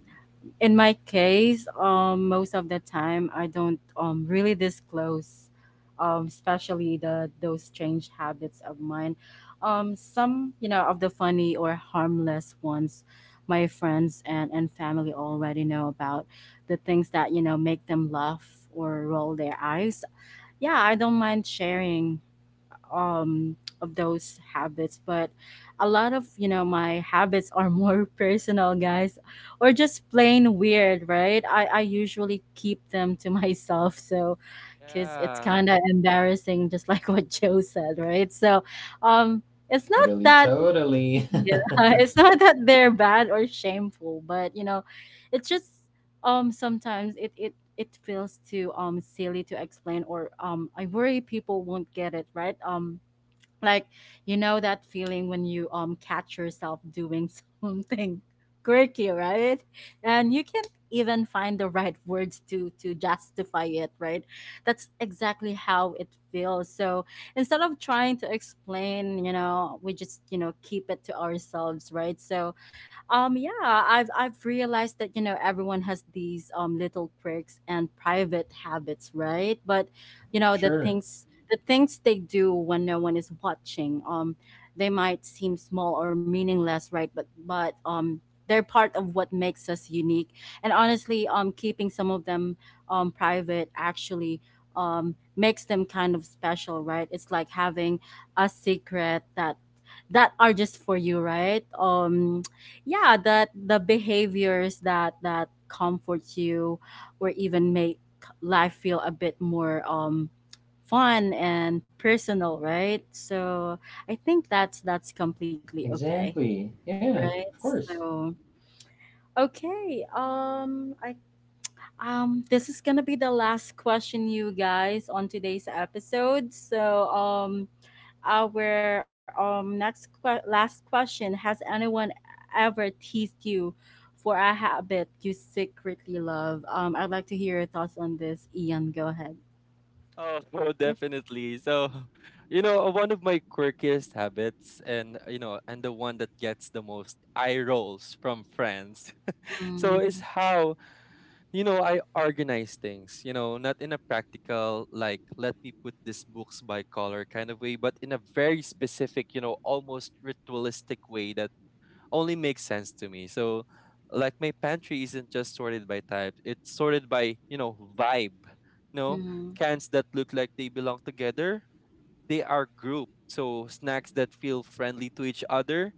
S1: in my case, um, most of the time I don't um really disclose, um, especially the those strange habits of mine. Um, some, you know, of the funny or harmless ones, my friends and and family already know about, the things that, you know, make them laugh or roll their eyes. Yeah, I don't mind sharing um of those habits, but a lot of you know my habits are more personal, guys, or just plain weird, right? I i usually keep them to myself, so because it's
S3: Yeah.
S1: kind of embarrassing, just like what Joe said, right? So um it's not
S2: Totally,
S1: that,
S2: totally.
S1: yeah, it's not that they're bad or shameful, but you know, it's just um sometimes it it it feels too um silly to explain, or um I worry people won't get it right. Um like, you know that feeling when you um catch yourself doing something quirky, right? And you can't even find the right words to to justify it, right? That's exactly how it feels. So instead of trying to explain, you know we just you know keep it to ourselves, right? So um yeah, i've i've realized that you know everyone has these um little quirks and private habits, right? But you know the
S2: Sure.
S1: things, the things they do when no one is watching, um they might seem small or meaningless, right? But but um they're part of what makes us unique. And honestly, um keeping some of them um private actually um makes them kind of special, right? It's like having a secret that that are just for you, right? Um yeah, that the behaviors that that comforts you or even make life feel a bit more um fun and personal, right? So I think that's that's completely okay,
S2: Exactly. Yeah,
S1: right?
S2: of course.
S1: So okay, um I um this is gonna be the last question, you guys, on today's episode. So um our um next que- last question: has anyone ever teased you for a habit you secretly love? um I'd like to hear your thoughts on this. Ian, go ahead.
S3: Oh, so
S1: Yep.
S3: definitely. So, you know, one of my quirkiest habits, and you know, and the one that gets the most eye rolls from friends. So is
S1: Mm.
S3: how, you know, I organize things, you know, not in a practical, like, let me put these books by color kind of way, but in a very specific, you know, almost ritualistic way that only makes sense to me. So, like, my pantry isn't just sorted by type, it's sorted by, you know, vibe. You know,
S1: Mm.
S3: cans that look like they belong together, they are grouped. So snacks that feel friendly to each other,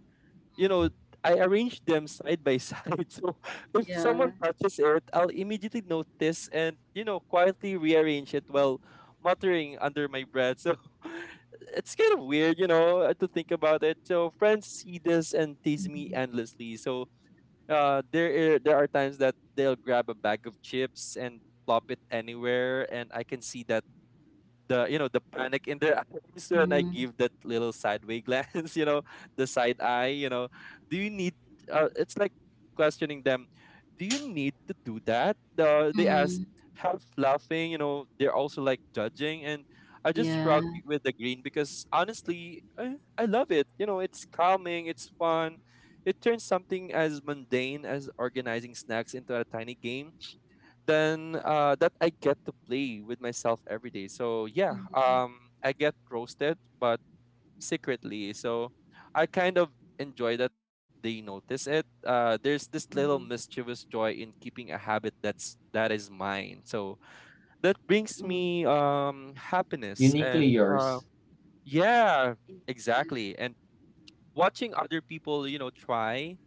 S3: you
S1: Mm.
S3: know, I arrange them side by side. So if
S1: Yeah.
S3: someone touches it, I'll immediately notice and, you know, quietly rearrange it while muttering under my breath. So it's kind of weird, you know, uh, to think about it. So friends see this and tease me
S1: Mm.
S3: endlessly. So uh, there are, there are times that they'll grab a bag of chips and plop it anywhere, and I can see that the you know the panic in their eyes when I
S1: Mm.
S3: give that little sideway glance, you know, the side eye, you know, do you need? Uh, it's like questioning them, do you need to do that? Uh, they ask,
S1: Mm.
S3: half laughing, you know, they're also like judging, and I, just
S1: Yeah.
S3: shrug with the green because honestly, I, I love it. You know, it's calming, it's fun. It turns something as mundane as organizing snacks into a tiny game then uh, that I get to play with myself every day. So
S1: Hmm.
S3: yeah,
S1: Hmm.
S3: um, I get roasted, but secretly. So I kind of enjoy that they notice it. Uh, there's
S1: Mm.
S3: this little mischievous joy in keeping a habit that's that is mine. So that
S1: Mm.
S3: brings me um happiness
S2: Uniquely
S3: and
S2: yours.
S3: uh, yeah, exactly. And watching other people, you know, try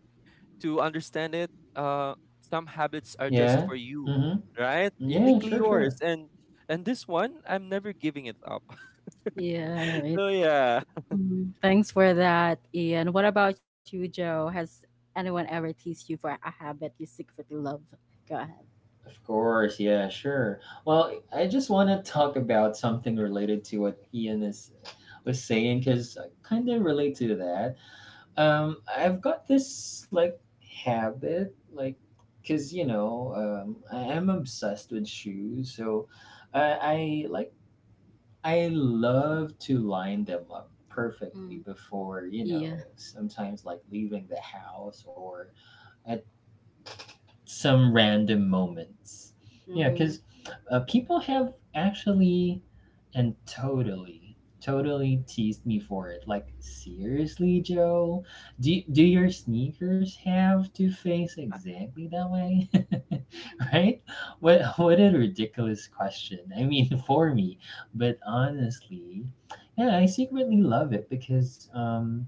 S3: to understand it, uh, some habits are
S2: Yeah.
S3: just for you,
S2: Mm-hmm.
S3: right?
S2: Yeah,
S3: Uniquely
S2: sure, sure.
S3: yours, and and this one, I'm never giving it up.
S1: Yeah, right.
S3: So yeah,
S1: Mm, thanks for that, Ian. What about you, Joe? Has anyone ever teased you for a habit you secretly love? Go ahead.
S2: Of course, yeah, sure. Well, I just want to talk about something related to what Ian is was saying because I kind of relate to that. Um, I've got this like habit, like, because you know, um, I am obsessed with shoes, so I, I like I love to line them up perfectly before, you know,
S1: Yeah.
S2: sometimes like leaving the house or at some random moments. Yeah,
S1: Mhm.
S2: because uh, people have actually and totally, totally teased me for it. Like, seriously, Joe, do do your sneakers have to face exactly that way? Right? What what a ridiculous question. I mean, for me, but honestly, yeah, I secretly love it because um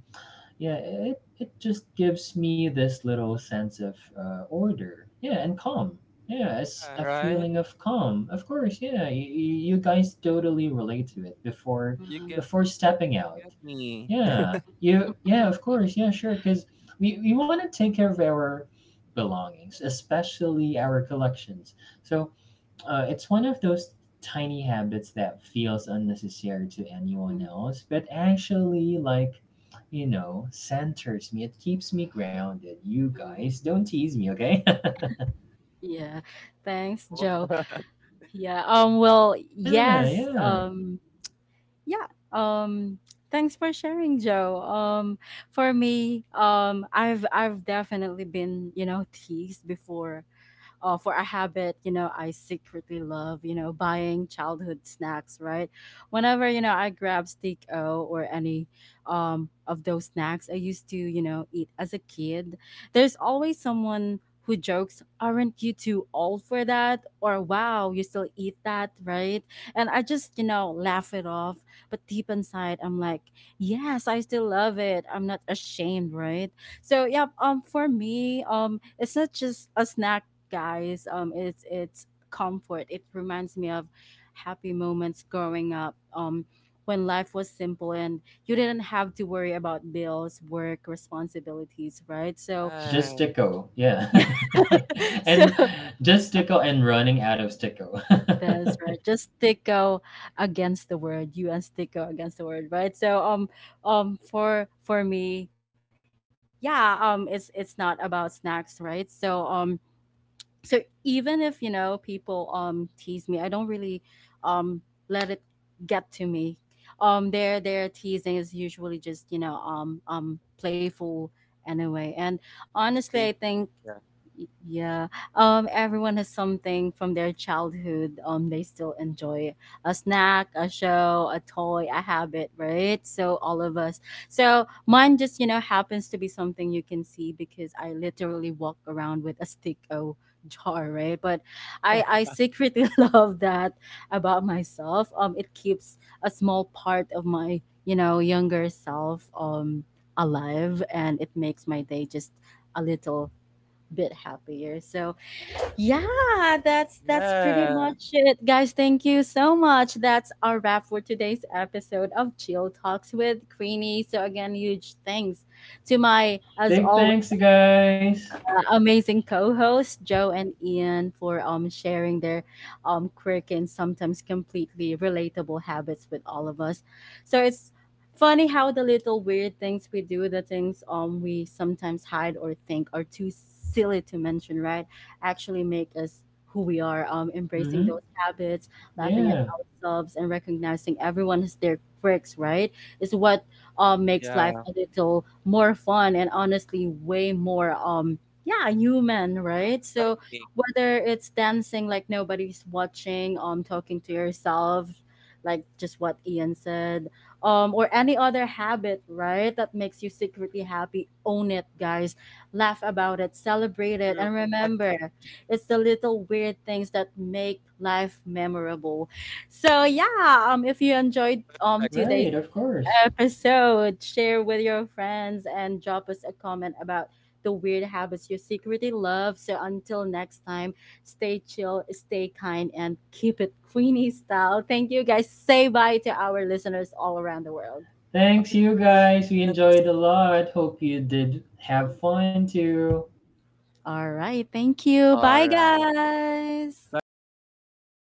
S2: yeah, it, it just gives me this little sense of uh, order, yeah, and calm, yeah, it's
S3: yeah,
S2: a
S3: right.
S2: feeling
S1: Mhm.
S2: of calm, of course, yeah, you, you guys totally relate to it before,
S3: You
S1: Mhm.
S3: get
S2: before stepping out,
S3: get me.
S2: yeah, you, yeah, of course, yeah, sure, because we, we want to take care of our belongings, especially our collections. So uh, it's one of those tiny habits that feels unnecessary to anyone
S1: Mhm.
S2: else, but actually, like, you know, centers me. It keeps me grounded. You
S1: Mhm.
S2: guys, don't tease me, okay?
S1: Yeah. Thanks, Joe. Yeah. Um well,
S2: Yeah,
S1: yes.
S2: yeah.
S1: Um yeah. Um Thanks for sharing, Joe. Um for me, um I've I've definitely been, you know, teased before, uh, for a habit, you know, I secretly love, you know, buying childhood snacks, right? Whenever, you know, I grab steak o, or any um, of those snacks I used to, you know, eat as a kid, there's always someone who jokes, aren't you too old for that? Or wow, you still eat that, right? And I just, you know, laugh it off. But deep inside, I'm like, yes, I still love it. I'm not ashamed, right? So yeah, um, for me, um, it's not just a snack, guys. Um, it's it's comfort. It reminds me of happy moments growing up. Um, when life was simple and you didn't have to worry about bills, work, responsibilities, right? So
S2: Just
S3: Right.
S2: sticko, yeah.
S1: yeah, so
S2: And just sticko and running out of sticko.
S1: that's right. Just sticko against the word. You and sticko against the word, right? So um um for for me, yeah, um it's it's not about snacks, right? So um so even if, you know, people um tease me, I don't really um let it get to me. um their their teasing is usually just, you know, um um playful anyway. And honestly,
S3: Stay
S1: I
S3: f-
S1: think
S3: yeah.
S1: yeah. Um, everyone has something from their childhood. Um, they still enjoy a snack, a show, a toy, a habit, right? So all of us. So mine just, you know, happens to be something you can see, because I literally walk around with a stick o jar, right? But I I secretly love that about myself. Um, it keeps a small part of my, you know, younger self um alive, and it makes my day just a little bit happier. So yeah, that's that's pretty
S3: Yeah.
S1: much it, guys. Thank you so much. That's our wrap for today's episode of Chill Talks with Queenie. So again, huge thanks to my, as
S2: Big
S1: always,
S2: thanks, you guys.
S1: uh, amazing co-hosts Joe and Ian, for um sharing their um quirky and sometimes completely relatable habits with all of us. So it's funny how the little weird things we do, the things um we sometimes hide or think are too silly to mention, right? Actually make us who we are. Um, embracing
S2: Mm-hmm.
S1: those habits, laughing at
S2: Yeah,
S1: ourselves, and recognizing everyone has their quirks, right? Is what um makes life
S3: Yeah.
S1: a little more fun, and honestly way more um yeah, human, right? So
S3: Right.
S1: whether it's dancing like nobody's watching, um talking to yourself like just what Ian said, um or any other habit, right, that makes you secretly happy, own it, guys. Laugh about it, celebrate it,
S3: True.
S1: and
S3: I
S1: remember, it's the little weird things that make life memorable. So yeah, um if you enjoyed um today's
S2: right, of course.
S1: episode, share with your friends and drop us a comment about the weird habits you secretly love. So until next time, stay chill, stay kind, and keep it Queenie style. Thank you, guys. Say bye to our listeners all around the world.
S2: Thanks, you guys. We
S3: friends.
S2: enjoyed a lot. Hope you did have fun too.
S1: All right. Thank you.
S3: All
S1: Bye,
S3: right.
S1: guys.
S3: Bye,
S2: 一
S3: friends.
S2: 个。